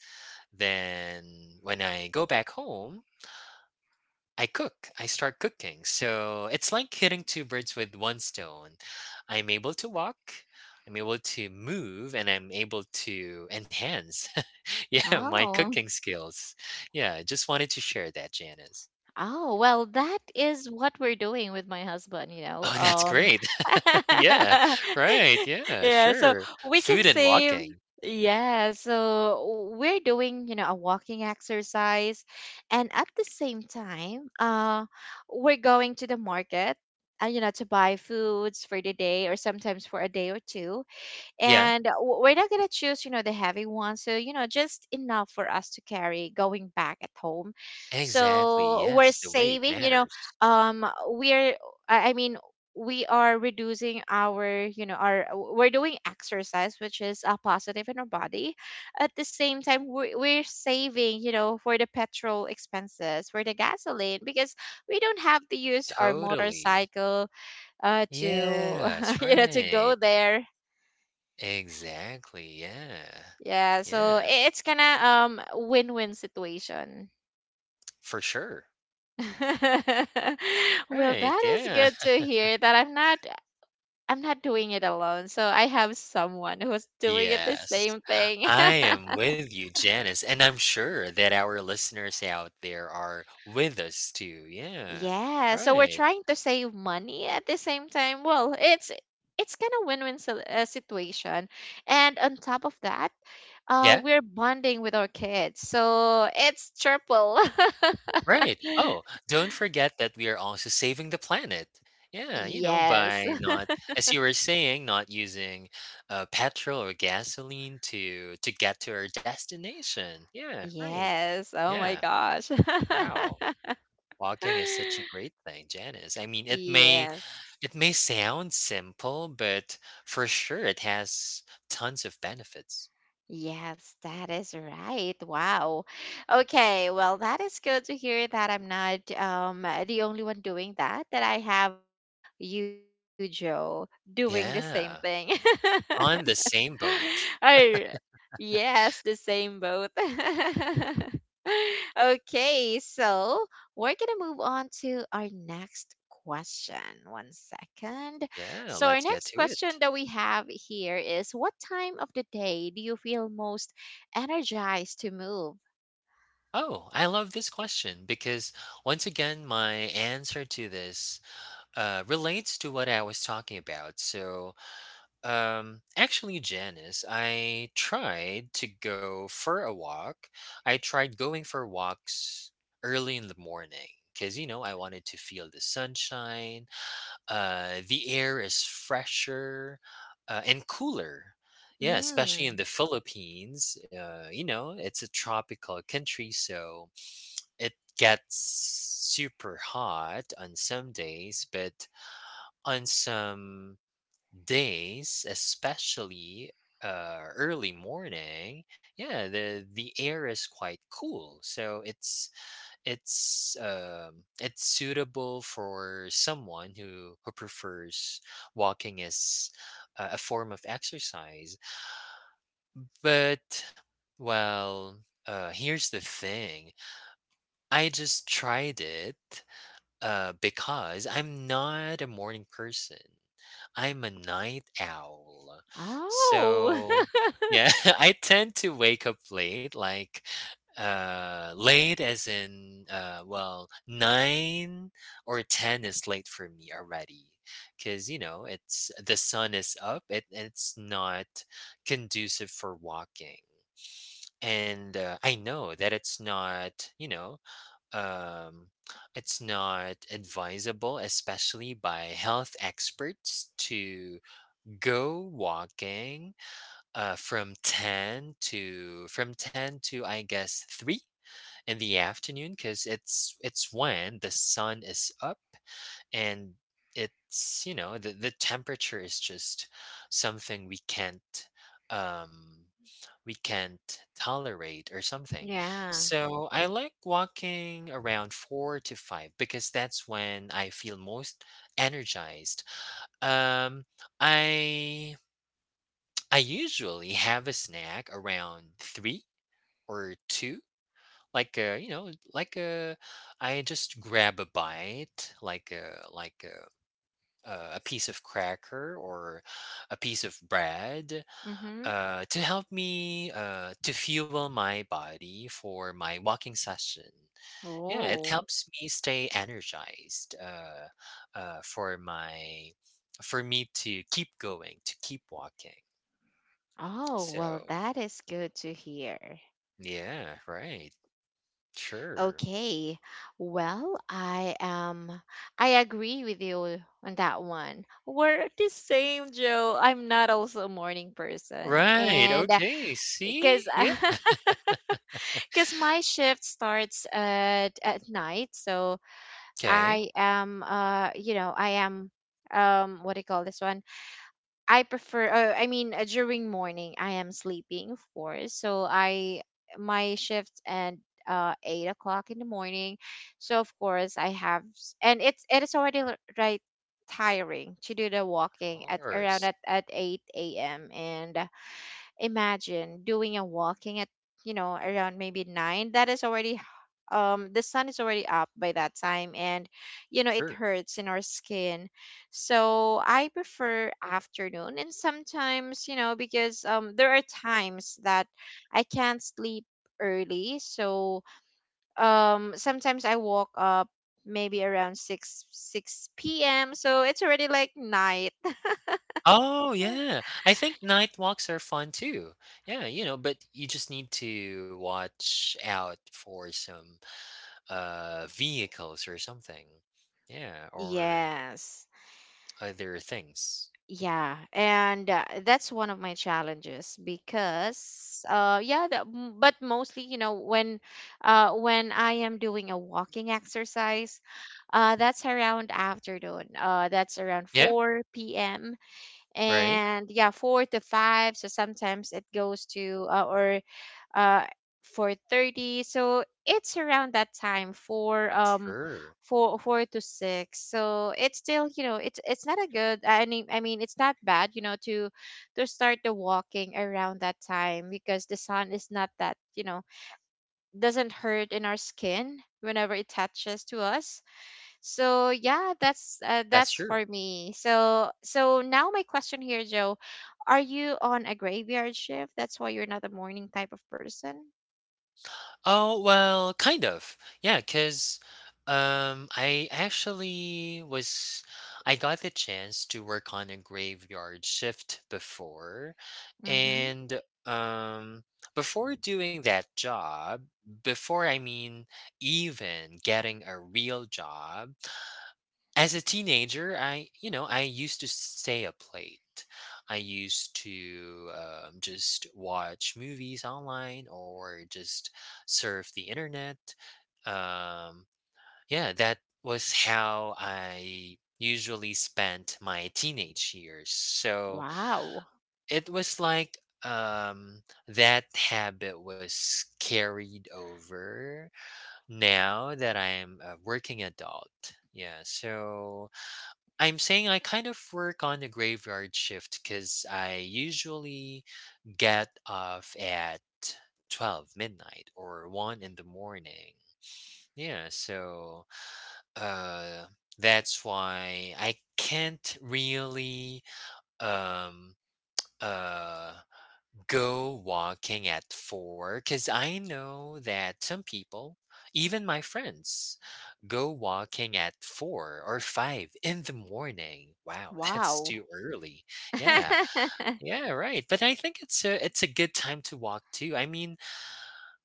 B: Then when I go back home, I cook. I start cooking. So it's like hitting two birds with one stone. I'm able to walk, I'm able to move, and I'm able to enhance yeah, my
A: oh.
B: cooking skills. Yeah, I just wanted to share that, Janice.
A: Oh, well, that is what we're doing with my husband, you know.
B: Oh, that's
A: Um
B: great. Yeah, right. Yeah,
A: Yeah, so
B: sure.
A: we can
B: Food and
A: save.
B: walking.
A: Yeah, so we're doing, you know, a walking exercise, and at the same time, uh we're going to the market, uh, you know, to buy foods for the day, or sometimes for a day or two.
B: Yeah,
A: And w- we're not gonna choose, you know the heavy one, so, you know just enough for us to carry going back at home.
B: exactly.
A: So we're
B: Yes, the weight
A: saving, you know
B: matters.
A: um we're, i I mean, we are reducing our you know our we're doing exercise, which is a positive in our body. At the same time, we're, we're saving, you know for the petrol expenses, for the gasoline, because we don't have to use our
B: Totally.
A: motorcycle uh to
B: Yes,
A: you know to go
B: right.
A: there.
B: Exactly. Yeah.
A: Yeah, so
B: Yeah,
A: i- it's kind of um win-win situation.
B: for sure.
A: Well,
B: Right.
A: that is
B: Yeah.
A: good to hear that I'm not I'm not doing it alone. So I have someone who's doing it the
B: Yes.
A: same thing.
B: I am with you, Janice, and I'm sure that our listeners out there are with us too. Yeah.
A: Yeah, so we're
B: Right.
A: trying to save money at the same time. Well, it's it's kind of win-win si- uh, situation. And on top of that, uh
B: Yeah.
A: we're bonding with our kids. So it's triple.
B: Right. Oh, don't forget that we are also saving the planet. Yeah, you know,
A: Yes.
B: by not, as you were saying, not using uh, petrol or gasoline to to get to our destination. Yeah, right.
A: Yes. Oh my
B: Yeah.
A: gosh.
B: Wow. Walking is such a great thing, Janice. I mean, it may
A: Yes.
B: it may sound simple, but for sure it has tons of benefits.
A: Yes, that is right. Wow. Okay, well, that is good to hear that I'm not um the only one doing that, that I have you, Joe, doing the same thing.
B: Yeah. On the same boat.
A: All yes, the same boat. Okay, so we're gonna move on to our next question. One second.
B: Yeah,
A: So, our
B: let's get
A: next
B: to
A: question
B: it.
A: that we have here is, what time of the day do you feel most energized to move?
B: Oh, I love this question because once again my answer to this uh relates to what I was talking about. So, Um, actually, Janice, I tried to go for a walk. I tried going for walks early in the morning because, you know, I wanted to feel the sunshine. Uh, the air is fresher uh, and cooler. Yeah, especially in the
A: Mm.
B: Philippines. Uh, you know, it's a tropical country, so it gets super hot on some days, but on some days, especially uh, early morning, yeah, the the air is quite cool, so it's it's um, it's suitable for someone who who prefers walking as uh, a form of exercise. But well, uh, here's the thing: I just tried it, uh, because I'm not a morning person. I'm a night owl.
A: Oh,
B: So, yeah, I tend to wake up late, like uh late as in uh well nine or ten is late for me already cuz you know it's the sun is up it, it's not conducive for walking and uh, I know that it's not you know um, it's not advisable, especially by health experts, to go walking uh, from ten to from ten to I guess three in the afternoon because it's it's when the sun is up and it's you know the, the temperature is just something we can't um we can't tolerate or something
A: yeah.
B: so I like walking around four to five because that's when I feel most energized um I I usually have a snack around three or two like a you know like a I just grab a bite like a like a uh, a piece of cracker or a piece of bread
A: Mm-hmm.
B: uh, to help me uh, to fuel my body for my walking session. Yeah, it
A: Oh,
B: helps me stay energized uh, uh, for my for me to keep going to keep walking.
A: oh, well,
B: So
A: that is good to hear.
B: yeah, right, sure,
A: Okay. Well, I am I agree with you on that one. We're the same, Joe. I'm not also a morning person.
B: right,
A: And
B: okay. See,
A: because
B: yeah,
A: because my shift starts at at night, so
B: okay,
A: I am uh you know, I am, um what do you call this one? I prefer, uh, I mean, uh, during morning I am sleeping, of course, so I, my shift, and uh eight o'clock in the morning, so of course I have s- and it's it is already l- right tiring to do the
B: of
A: walking at around
B: course,
A: at, at eight a.m. And imagine doing a walking at, you know, around maybe nine. That is already, um, the sun is already up by that time, and you know, it
B: sure.
A: hurts in our skin. So I prefer afternoon, and sometimes, you know, because um, there are times that I can't sleep early, so um, sometimes I walk up maybe around six six p m, so it's already like night.
B: Oh, yeah. I think night walks are fun too. Yeah, you know, but you just need to watch out for some uh vehicles or something. Yeah, or
A: Yes.
B: other things.
A: Yeah, and uh, that's one of my challenges because uh yeah, that, m- but mostly, you know, when uh when I am doing a walking exercise, uh that's around afternoon. Uh that's around
B: Yeah,
A: four p m
B: right?
A: And yeah, four to five, so sometimes it goes to uh, or uh for thirty, so it's around that time for um
B: Sure.
A: four four to six, so it's still you know it's it's not a good, i mean i mean, it's not bad you know to to start the walking around that time because the sun is not that you know doesn't hurt in our skin whenever it touches to us, so yeah, that's uh,
B: That's
A: that's
B: true.
A: for me. So so now my question here, Joe, are you on a graveyard shift, that's why you're not a morning type of person?
B: Oh, well, kind of. Yeah, 'cause, um, I actually was I got the chance to work on a graveyard shift before,
A: Mm-hmm.
B: and, um, before doing that job, before, I mean, even getting a real job, as a teenager, I you know I used to stay up late. I used to um, just watch movies online or just surf the internet. Um, yeah, that was how I usually spent my teenage years. So
A: Wow.
B: it was like um that habit was carried over now that I am a working adult. Yeah, so I'm saying I kind of work on the graveyard shift because I usually get off at twelve midnight or one in the morning. Yeah, so uh that's why I can't really um uh go walking at four because I know that some people, even my friends, go walking at four or five in the morning. Wow, that's
A: Wow.
B: too early. Yeah, yeah, right. But I think it's a it's a good time to walk too. I mean,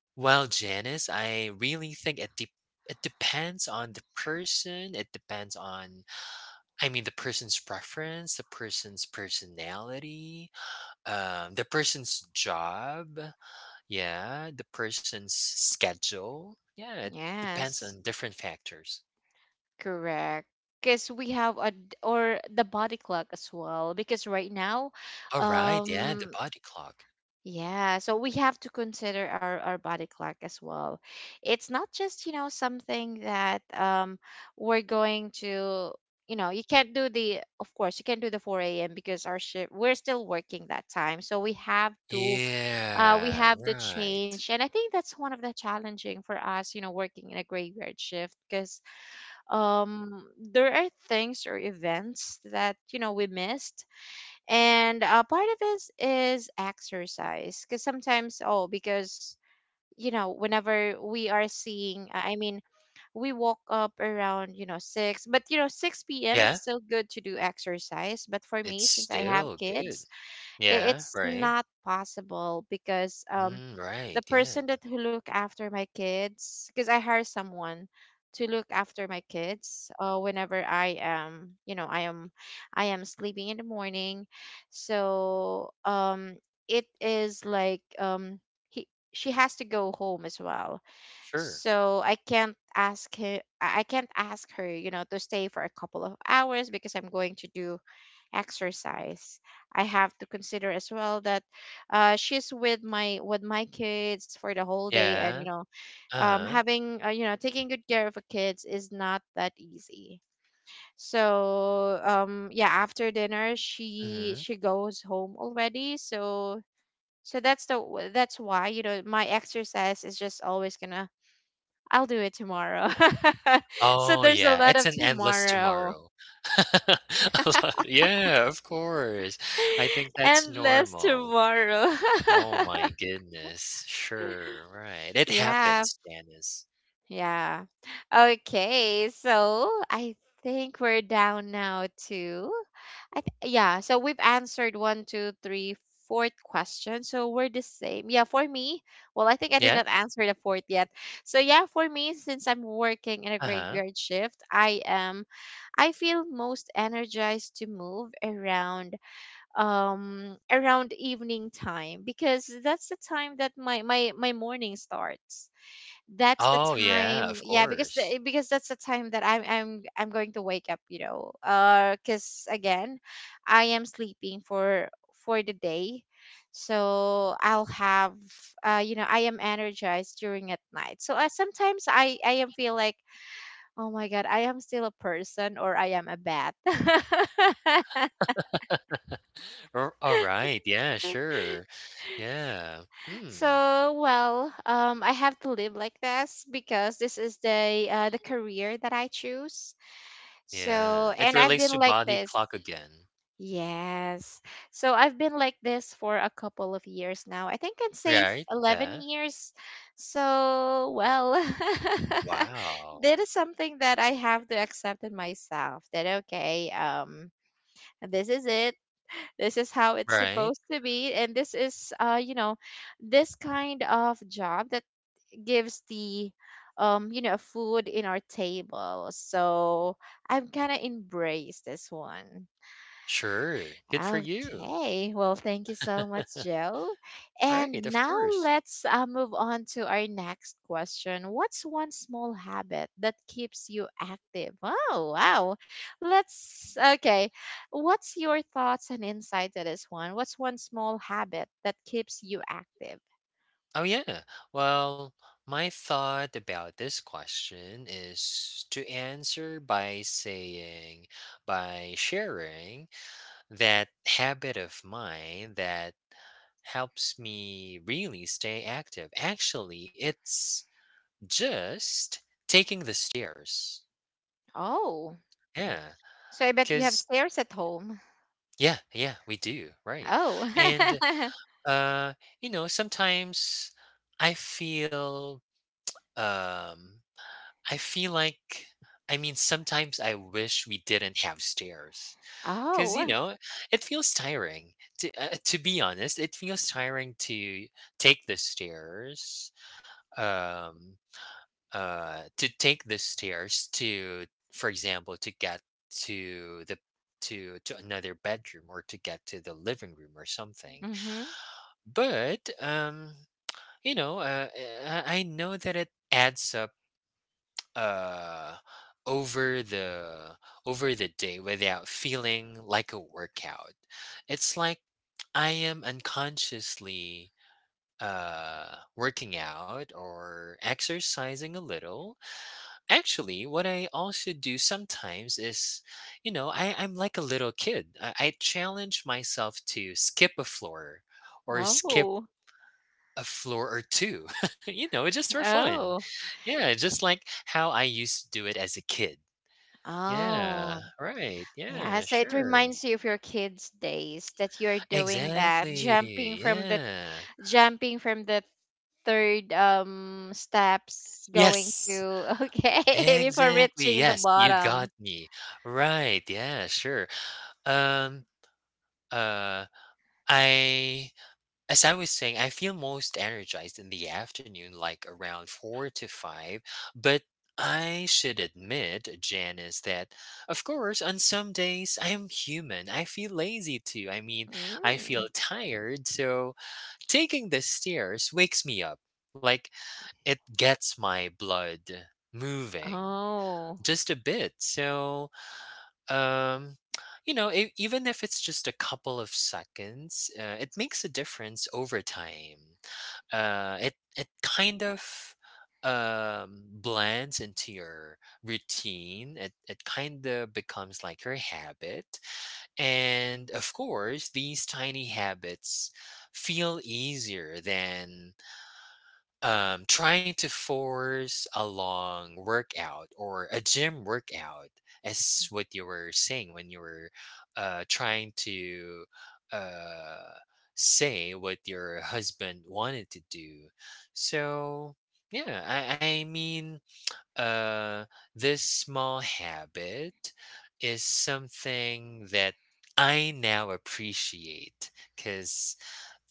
B: well, Janice, I really think it de- it depends on the person. It depends on, I mean, the person's preference, the person's personality, um, the person's job. Yeah, the person's schedule. Yeah, it depends
A: Yes,
B: on different factors.
A: correct. Because we have a d- or the body clock as well. Because right now,
B: All right, yeah, the
A: um,
B: body clock.
A: yeah, so we have to consider our our body clock as well. It's not just, you know, something that um we're going to, you know, you can't do the, of course, you can't do the four a m because our shift, we're still working that time. So we have to uh, we
B: Yeah,
A: have to
B: right.
A: change. And I think that's one of the challenging for us you know working in a graveyard shift because, um, there are things or events that you know we missed. And uh, part of it is exercise because sometimes, oh, because you know whenever we are seeing, I mean, we woke up around you know six, but you know six p.m. it's
B: Yeah,
A: still good to do exercise, but for
B: it's
A: me, since I have
B: still good.
A: kids, i-
B: Yeah,
A: it's
B: right.
A: not possible because um
B: Mm, right,
A: the
B: yeah.
A: person that who look after my kids, because I hire someone to look after my kids, uh, whenever I am, you know I am I am sleeping in the morning, so um it is like, um he, she has to go home as well.
B: Sure.
A: So I can't ask her I I can't ask her, you know to stay for a couple of hours because I'm going to do exercise. I have to consider as well that, uh, she's with my, with my kids for the whole day, and,
B: Yeah.
A: you know, um,
B: Uh-huh.
A: having, uh, you know taking good care of a kids is not that easy. So um yeah, after dinner she
B: Hmm.
A: she goes home already. So so that's the w- that's why, you know my exercise is just always gonna, I'll do it tomorrow. So
B: Oh,
A: there's a
B: yeah.
A: lot
B: It's
A: of
B: an endless
A: tomorrow.
B: tomorrow. A lot- yeah, of course. I think that's
A: Endless
B: normal.
A: tomorrow.
B: Oh my goodness. Sure, right. It
A: Yeah.
B: happens, Janice.
A: Yeah. Okay. So I think we're down now to, I th- yeah. So we've answered one, two, three, fourth question. So we're the same. Yeah. For me, well, I think I did
B: Yeah?
A: not answer the fourth yet. So yeah, for me, since I'm working in a
B: Uh-huh.
A: graveyard shift, I am. I feel most energized to move around, um around evening time because that's the time that my my my morning starts. That's the
B: Oh, yeah, of
A: time, yeah, because
B: course.
A: the, because that's the time that i'm i'm i'm going to wake up, you know uh because again, I am sleeping for for the day, so I'll have, uh you know I am energized during at night. So I, sometimes i i am feel like, oh my god, I am still a person or I am a bat.
B: Ar Alright, yeah, sure. Yeah. Hmm,
A: So well, um I have to live like this because this is the uh the career that I choose. So,
B: yeah. It
A: and I've
B: relates to
A: been like
B: body
A: this.
B: clock again,
A: Yes. So I've been like this for a couple of years now. I think I'd say, f-
B: right?
A: eleven
B: Yeah.
A: years. So, well,
B: Wow.
A: that is something that I have to accept in myself that, okay, um, this is it. This is how it's
B: Right?
A: supposed to be. And this is, uh, you know, this kind of job that gives the, um, you know, food in our table. So I'm kind of embrace this one.
B: Sure. Good for you.
A: Okay. Well, thank you so much, Joe.
B: Right,
A: And
B: of
A: now
B: course.
A: let's, uh, move on to our next question. What's one small habit that keeps you active? Oh, wow. Let's, okay. What's your thoughts and insight to this one? What's one small habit that keeps you active?
B: Oh, yeah. Well, my thought about this question is to answer by saying, by sharing that habit of mine that helps me really stay active. Actually, it's just taking the stairs.
A: Oh,
B: Yeah.
A: so I bet you have
B: Because,
A: stairs at home.
B: yeah, yeah, we do. Right.
A: Oh.
B: And, uh, you know, sometimes I feel. Um, I feel like I mean, sometimes I wish we didn't have stairs because you
A: Oh.
B: know it feels tiring. To uh, to be honest, it feels tiring to take the stairs. Um, uh, to take the stairs to, for example, to get to the to to another bedroom or to get to the living room or something.
A: Mm-hmm.
B: But um, you know, uh, I I know that it adds up uh over the over the day without feeling like a workout it's like I am unconsciously uh working out or exercising a little actually what I also do sometimes is you know I, I'm like a little kid I, I challenge myself to skip a floor or skip
A: Oh.
B: a floor or two you know just for fun
A: Oh.
B: yeah just like how I used to do it as a kid
A: Oh.
B: yeah, right,
A: Yeah,
B: yeah,
A: so it
B: sure.
A: reminds you of your kids' days that you're doing that,
B: Exactly,
A: jumping from the,
B: yeah.
A: jumping from the third um steps going
B: Yes,
A: to okay before
B: exactly,
A: reaching the
B: yes, you
A: bottom.
B: got me. Right, yeah, sure. Um, uh, I, as I was saying, I feel most energized in the afternoon, like around four to five, but I should admit, Janice, that of course, on some days I'm human. I feel lazy too. I mean, I feel
A: Mm.
B: tired, so taking the stairs wakes me up. Like it gets my blood moving
A: Oh.
B: just a bit. So, um, you know, e- even if it's just a couple of seconds, uh, it makes a difference over time. Uh, it it kind of um blends into your routine. It it kind of becomes like your habit, and of course these tiny habits feel easier than um trying to force a long workout or a gym workout, as what you were saying when you were uh trying to uh say what your husband wanted to do. So yeah, i i mean, uh this small habit is something that I now appreciate, cuz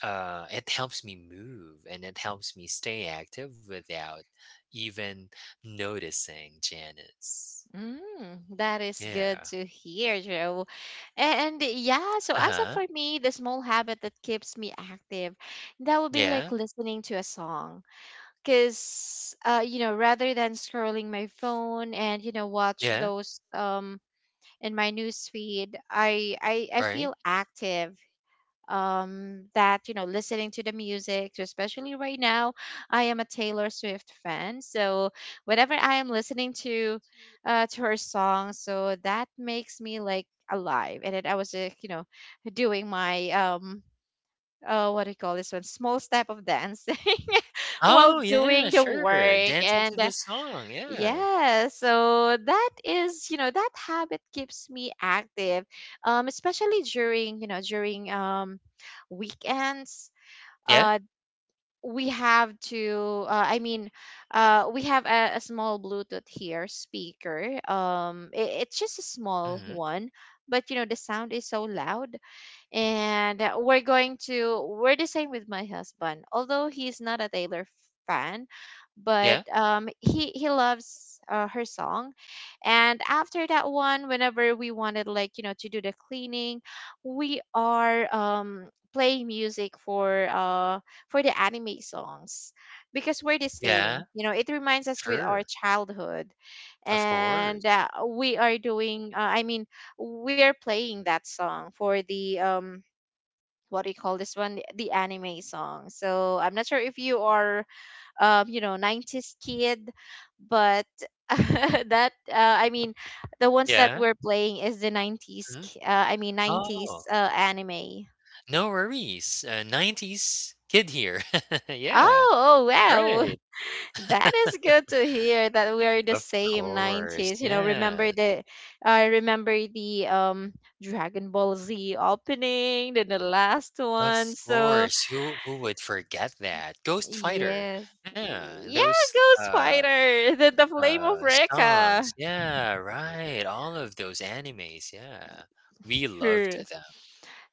B: uh, it helps me move and it helps me stay active without even noticing, Janice.
A: Mm, that is good
B: Yeah.
A: to hear, Joe. And yeah, so
B: Uh
A: as of
B: huh.
A: for me, the small habit that keeps me active, that would be
B: Yeah.
A: like listening to a song because, uh, you know rather than scrolling my phone and you know watch
B: Yeah.
A: those um in my news feed, i i, I feel
B: Right.
A: active, um that you know listening to the music. So especially right now, I am a Taylor Swift fan. So whenever I am listening to, uh to her song, so that makes me like alive, and then I was like, you know doing my um uh what do you call this one, small step of dance, while
B: Oh, yeah.
A: doing the
B: Sure.
A: work.
B: Dancing to
A: And
B: the song. Yeah.
A: yeah, so that is, you know, that habit keeps me active, um, especially during, you know, during um, weekends.
B: Yeah.
A: Uh, we have to, uh, I mean, uh, we have a, a small Bluetooth here speaker. Um, it, it's just a small
B: Hmm.
A: one, but, you know, the sound is so loud, and, uh, we're going to we're the same with my husband. Although he's not a Taylor fan,
B: Yeah.
A: but, um he he loves, uh, her song. And after that one, whenever we wanted, like, you know to do the cleaning, we are, um playing music for, uh for the anime songs, because we're the
B: Yeah.
A: same. you know it reminds us with our
B: Sure.
A: childhood.
B: Of course.
A: And, uh, we are doing, uh, I mean, we're playing that song for the, um what do you call this one, the anime song. So I'm not sure if you are, um you know nineties kid, but that, uh, I mean, the ones that
B: Yeah.
A: we're playing is the nineties,
B: Hmm.
A: ki- uh, I mean
B: Oh,
A: nineties, uh, anime.
B: no worries. Uh, nineties kid here. Yeah.
A: oh oh wow.
B: Right.
A: That is good to hear that we are the
B: Of
A: same
B: course.
A: nineties. You know, remember
B: Yeah.
A: the I remember the um Dragon Ball Z opening, then the last
B: Of
A: one. So,
B: course, who who would forget that? Ghost Fighter.
A: yes.
B: Yeah,
A: Yeah,
B: those
A: go
B: uh
A: spider. The, the flame of
B: uh songs.
A: Rekka.
B: Yeah, right. All of those animes, yeah. We loved
A: Her.
B: them.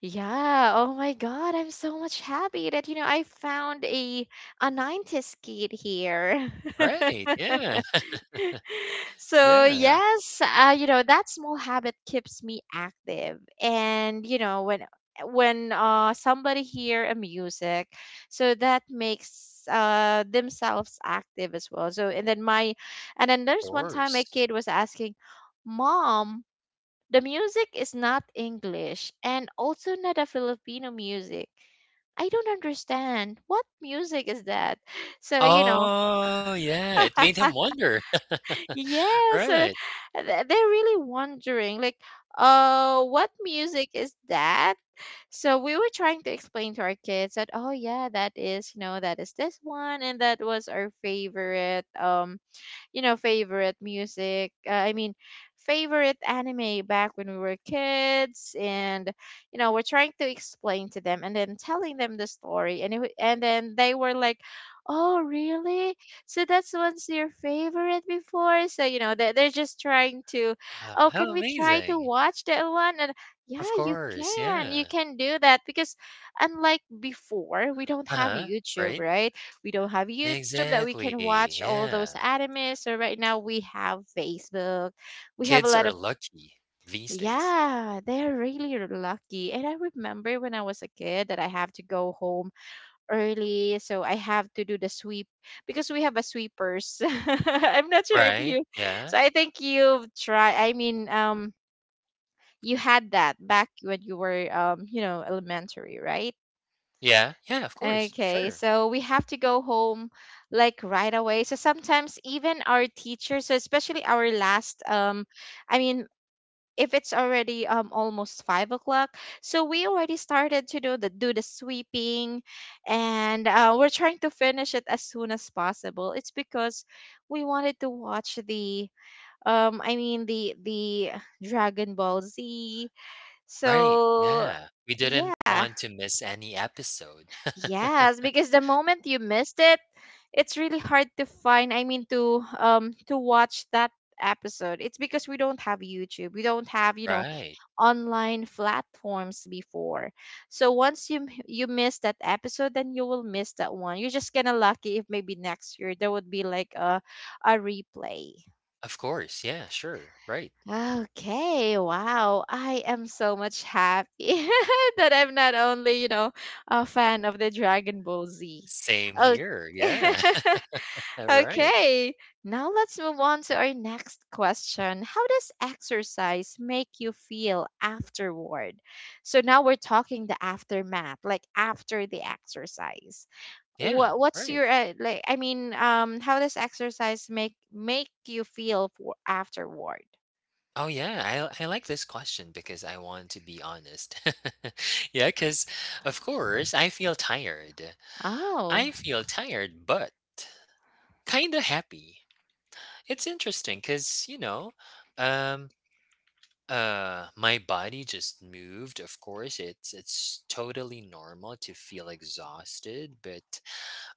A: Yeah, oh my god, I'm so much happy that you know I found a a nineties kid here.
B: Right. Yeah.
A: So
B: Yeah,
A: yes, uh, you know that small habit keeps me active, and, you know when when uh somebody hear a music, so that makes, uh themselves active as well. So and then, my and then
B: of
A: there's one time a
B: course.
A: kid was asking, "Mom, the music is not English and also not a Filipino music. I don't understand. What music is that?" So, you know,
B: Oh, yeah. It made him wonder.
A: yes, uh,
B: Right.
A: th- they're really wondering, like, uh, what music is that? So we were trying to explain to our kids that, oh yeah, that is, you know, that is this one, and that was our favorite. Um, you know, favorite music. Uh, I mean, favorite anime back when we were kids. And, you know, we're trying to explain to them and then telling them the story. And it, wa- and then they were like, "Oh, really? So that's what's your favorite before?" So you know, they they're just trying to,
B: Wow,
A: "Oh,
B: how
A: can we try to
B: amazing.
A: watch that one?" And
B: Of
A: yeah, you
B: course,
A: can, you
B: yeah.
A: can do that because unlike before, we don't have
B: Uh-huh.
A: YouTube,
B: Right?
A: right? We don't have YouTube that we can
B: Exactly.
A: watch all
B: Yeah.
A: those animes. So right now we have Facebook. We have a
B: Kids
A: lot
B: are
A: of
B: lucky these days.
A: yeah, they're really lucky. And I remember when I was a kid that I have to go home early, so I have to do the sweep because we have a sweepers. I'm not sure if
B: Right,
A: you
B: yeah,
A: so I think you've tried I mean um you had that back when you were um you know elementary, right?
B: yeah, yeah, of course,
A: Okay,
B: sure.
A: so we have to go home like right away. So sometimes even our teachers, so especially our last, um, I mean, if it's already um almost five o'clock, so we already started to do the do the sweeping, and uh, we're trying to finish it as soon as possible. It's because we wanted to watch the um, I mean the the Dragon Ball Z.
B: Right,
A: So
B: yeah, we didn't
A: yeah.
B: want to miss any episode.
A: Yes, because the moment you missed it, it's really hard to find, I mean to um to watch that episode. It's because we don't have YouTube. We don't have, you know,
B: Right,
A: online platforms before. So once you you miss that episode, then you will miss that one. You're just kind of lucky if maybe next year there would be like a a replay.
B: of course, yeah, sure, right.
A: Okay, wow. I am so much happy that I'm not only, you know, a fan of the Dragon Ball Z.
B: Same
A: Oh,
B: here, yeah. Right,
A: okay. Now let's move on to our next question. How does exercise make you feel afterward? So now we're talking the aftermath, like after the exercise.
B: yeah,
A: What what's
B: right.
A: your uh, like I mean, um how does exercise make make you feel for afterward?
B: Oh yeah, I I like this question because I want to be honest. Yeah. Because of course I feel tired.
A: Oh.
B: I feel tired, but kinda happy. It's interesting because you know, um Uh, my body just moved. Of course, it's it's totally normal to feel exhausted, but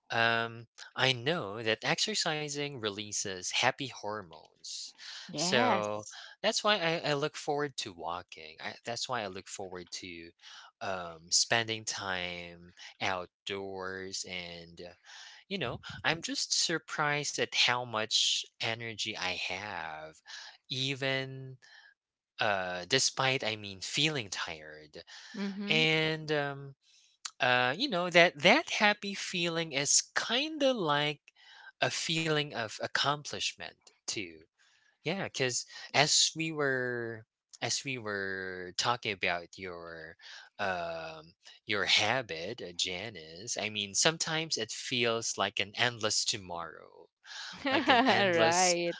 B: um, I know that exercising releases happy hormones, so
A: Yes.
B: that's why I, I look forward to walking. I, that's why I look forward to um, spending time outdoors, and uh, you know, I'm just surprised at how much energy I have, even uh, despite I mean feeling tired.
A: Mm-hmm.
B: And um, uh, you know, that that happy feeling is kind of like a feeling of accomplishment too. Yeah, because as we were as we were talking about your um, your habit, uh, Janice, I mean sometimes it feels like an endless tomorrow, like an endless
A: Right.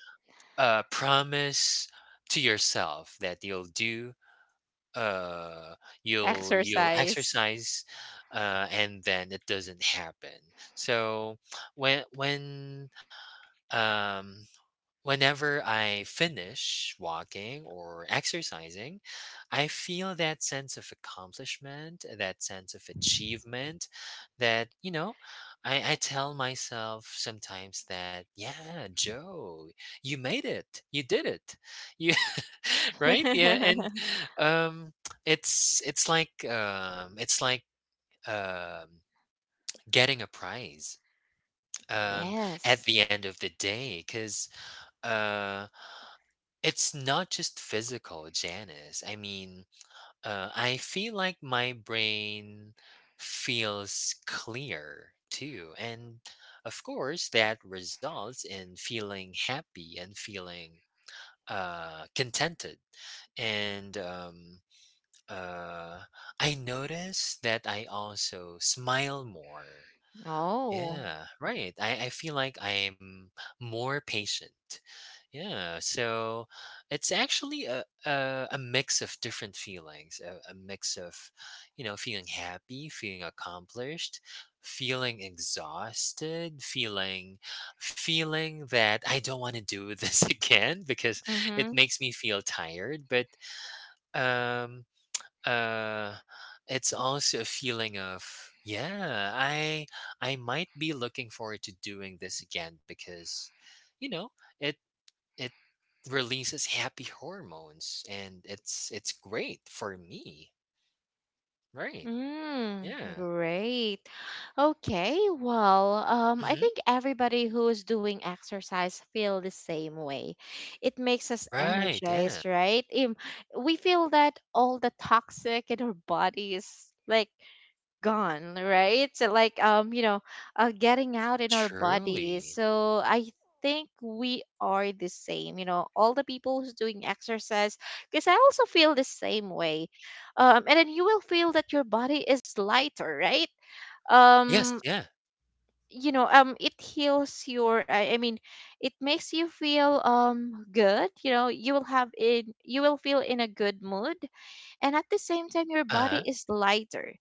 B: uh, promise to yourself that you'll do uh you'll you'll
A: Exercise.
B: exercise, uh and then it doesn't happen. So when when um whenever I finish walking or exercising, I feel that sense of accomplishment, that sense of achievement that, you know, I, I tell myself sometimes that, yeah, Joe, you made it. You did it. You right? Yeah. And um it's it's like um it's like um getting a prize um at
A: Yes.
B: the end of the day, because it's not just physical, Janice. I mean, uh, I feel like my brain feels clear too. And of course, that results in feeling happy and feeling uh, contented. And um, uh, I notice that I also smile more.
A: Oh.
B: Yeah, right. I, I feel like I'm more patient. Yeah, so it's actually a, a, a mix of different feelings, a, a mix of, you know, feeling happy, feeling accomplished, feeling exhausted, feeling feeling that I don't want to do this again because it
A: Mm-hmm.
B: makes me feel tired, but um uh, it's also a feeling of, yeah, I I might be looking forward to doing this again because, you know, it it releases happy hormones, and it's it's great for me. Right.
A: Mm,
B: Yeah.
A: great. Okay, well, um, I think
B: Hmm.
A: everybody who's doing exercise feel the same way. It makes us
B: Right. Yeah.
A: energized, right? Um, we feel that all the toxic in our body is like gone, right? So like um, you know, uh, getting out in our bodies.
B: Truly.
A: So I think we are the same. You know, all the people who's doing exercise, because I also feel the same way. Um, and then you will feel that your body is lighter, right?
B: Yes.
A: Um,
B: Yeah.
A: you know, um, it heals your. I, I mean, it makes you feel um good. You know, you will have in you will feel in a good mood, and at the same time your body
B: Uh-huh.
A: is lighter,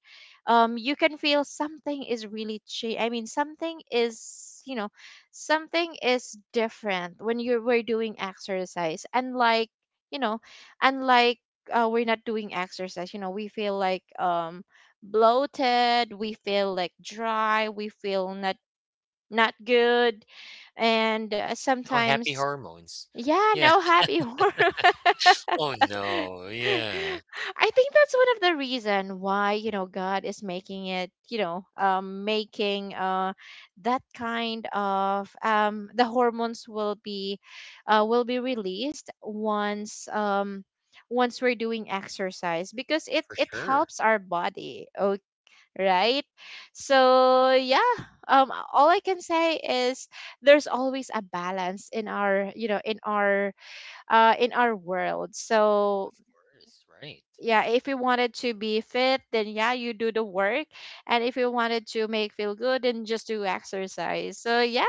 A: um you can feel something is really change. I mean something is, you know something is different when you were doing exercise, unlike you know unlike uh, we're not doing exercise. You know, we feel like um bloated, we feel like dry, we feel not not good, and uh,
B: No happy
A: sometimes
B: hormones.
A: yeah,
B: Yeah.
A: no happy hormones.
B: Oh no. Yeah.
A: I think that's one of the reason why, you know, God is making it, you know, um, making uh, that kind of, um, the hormones will be uh, will be released once, um, once we're doing exercise, because it
B: For
A: it
B: sure. Of
A: helps our body. Okay, right. So yeah, um all I can say is there's always a balance in our, you know in our uh in our world. So
B: course. Right.
A: yeah, if you wanted to be fit, then yeah, you do the work. And if you wanted to make feel good, then just do exercise. So yep,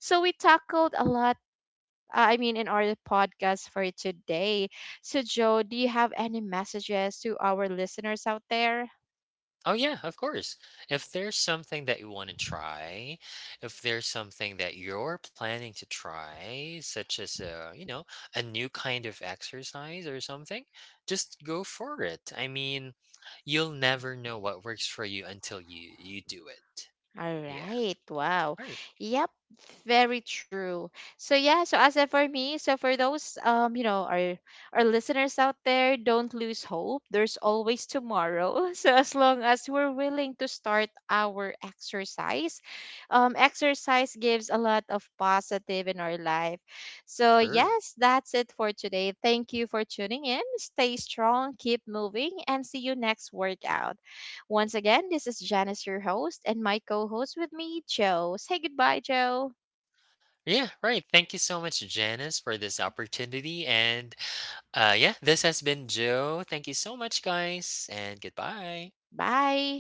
A: so we tackled a lot, uh, I mean in our podcast for today. So Joe, do you have any messages to our listeners out there?
B: Oh yeah, of course. If there's something that you want to try, if there's something that you're planning to try, such as a, you know, a new kind of exercise or something, just go for it. I mean, you'll never know what works for you until you you do it.
A: All
B: Yeah.
A: right. Wow.
B: Right.
A: Yep. Very true. So yeah, so as a- for me, so for those um, you know, our our listeners out there, don't lose hope. There's always tomorrow. So as long as we're willing to start our exercise, um, exercise gives a lot of positive in our life. So
B: Sure.
A: yes, that's it for today. Thank you for tuning in. Stay strong, keep moving, and see you next workout. Once again, this is Janice, your host, and my co host with me, Joe. Say goodbye, Joe.
B: Yeah, right. Thank you so much, Janice, for this opportunity. And uh, yeah, this has been Joe. Thank you so much, guys, and goodbye.
A: Bye.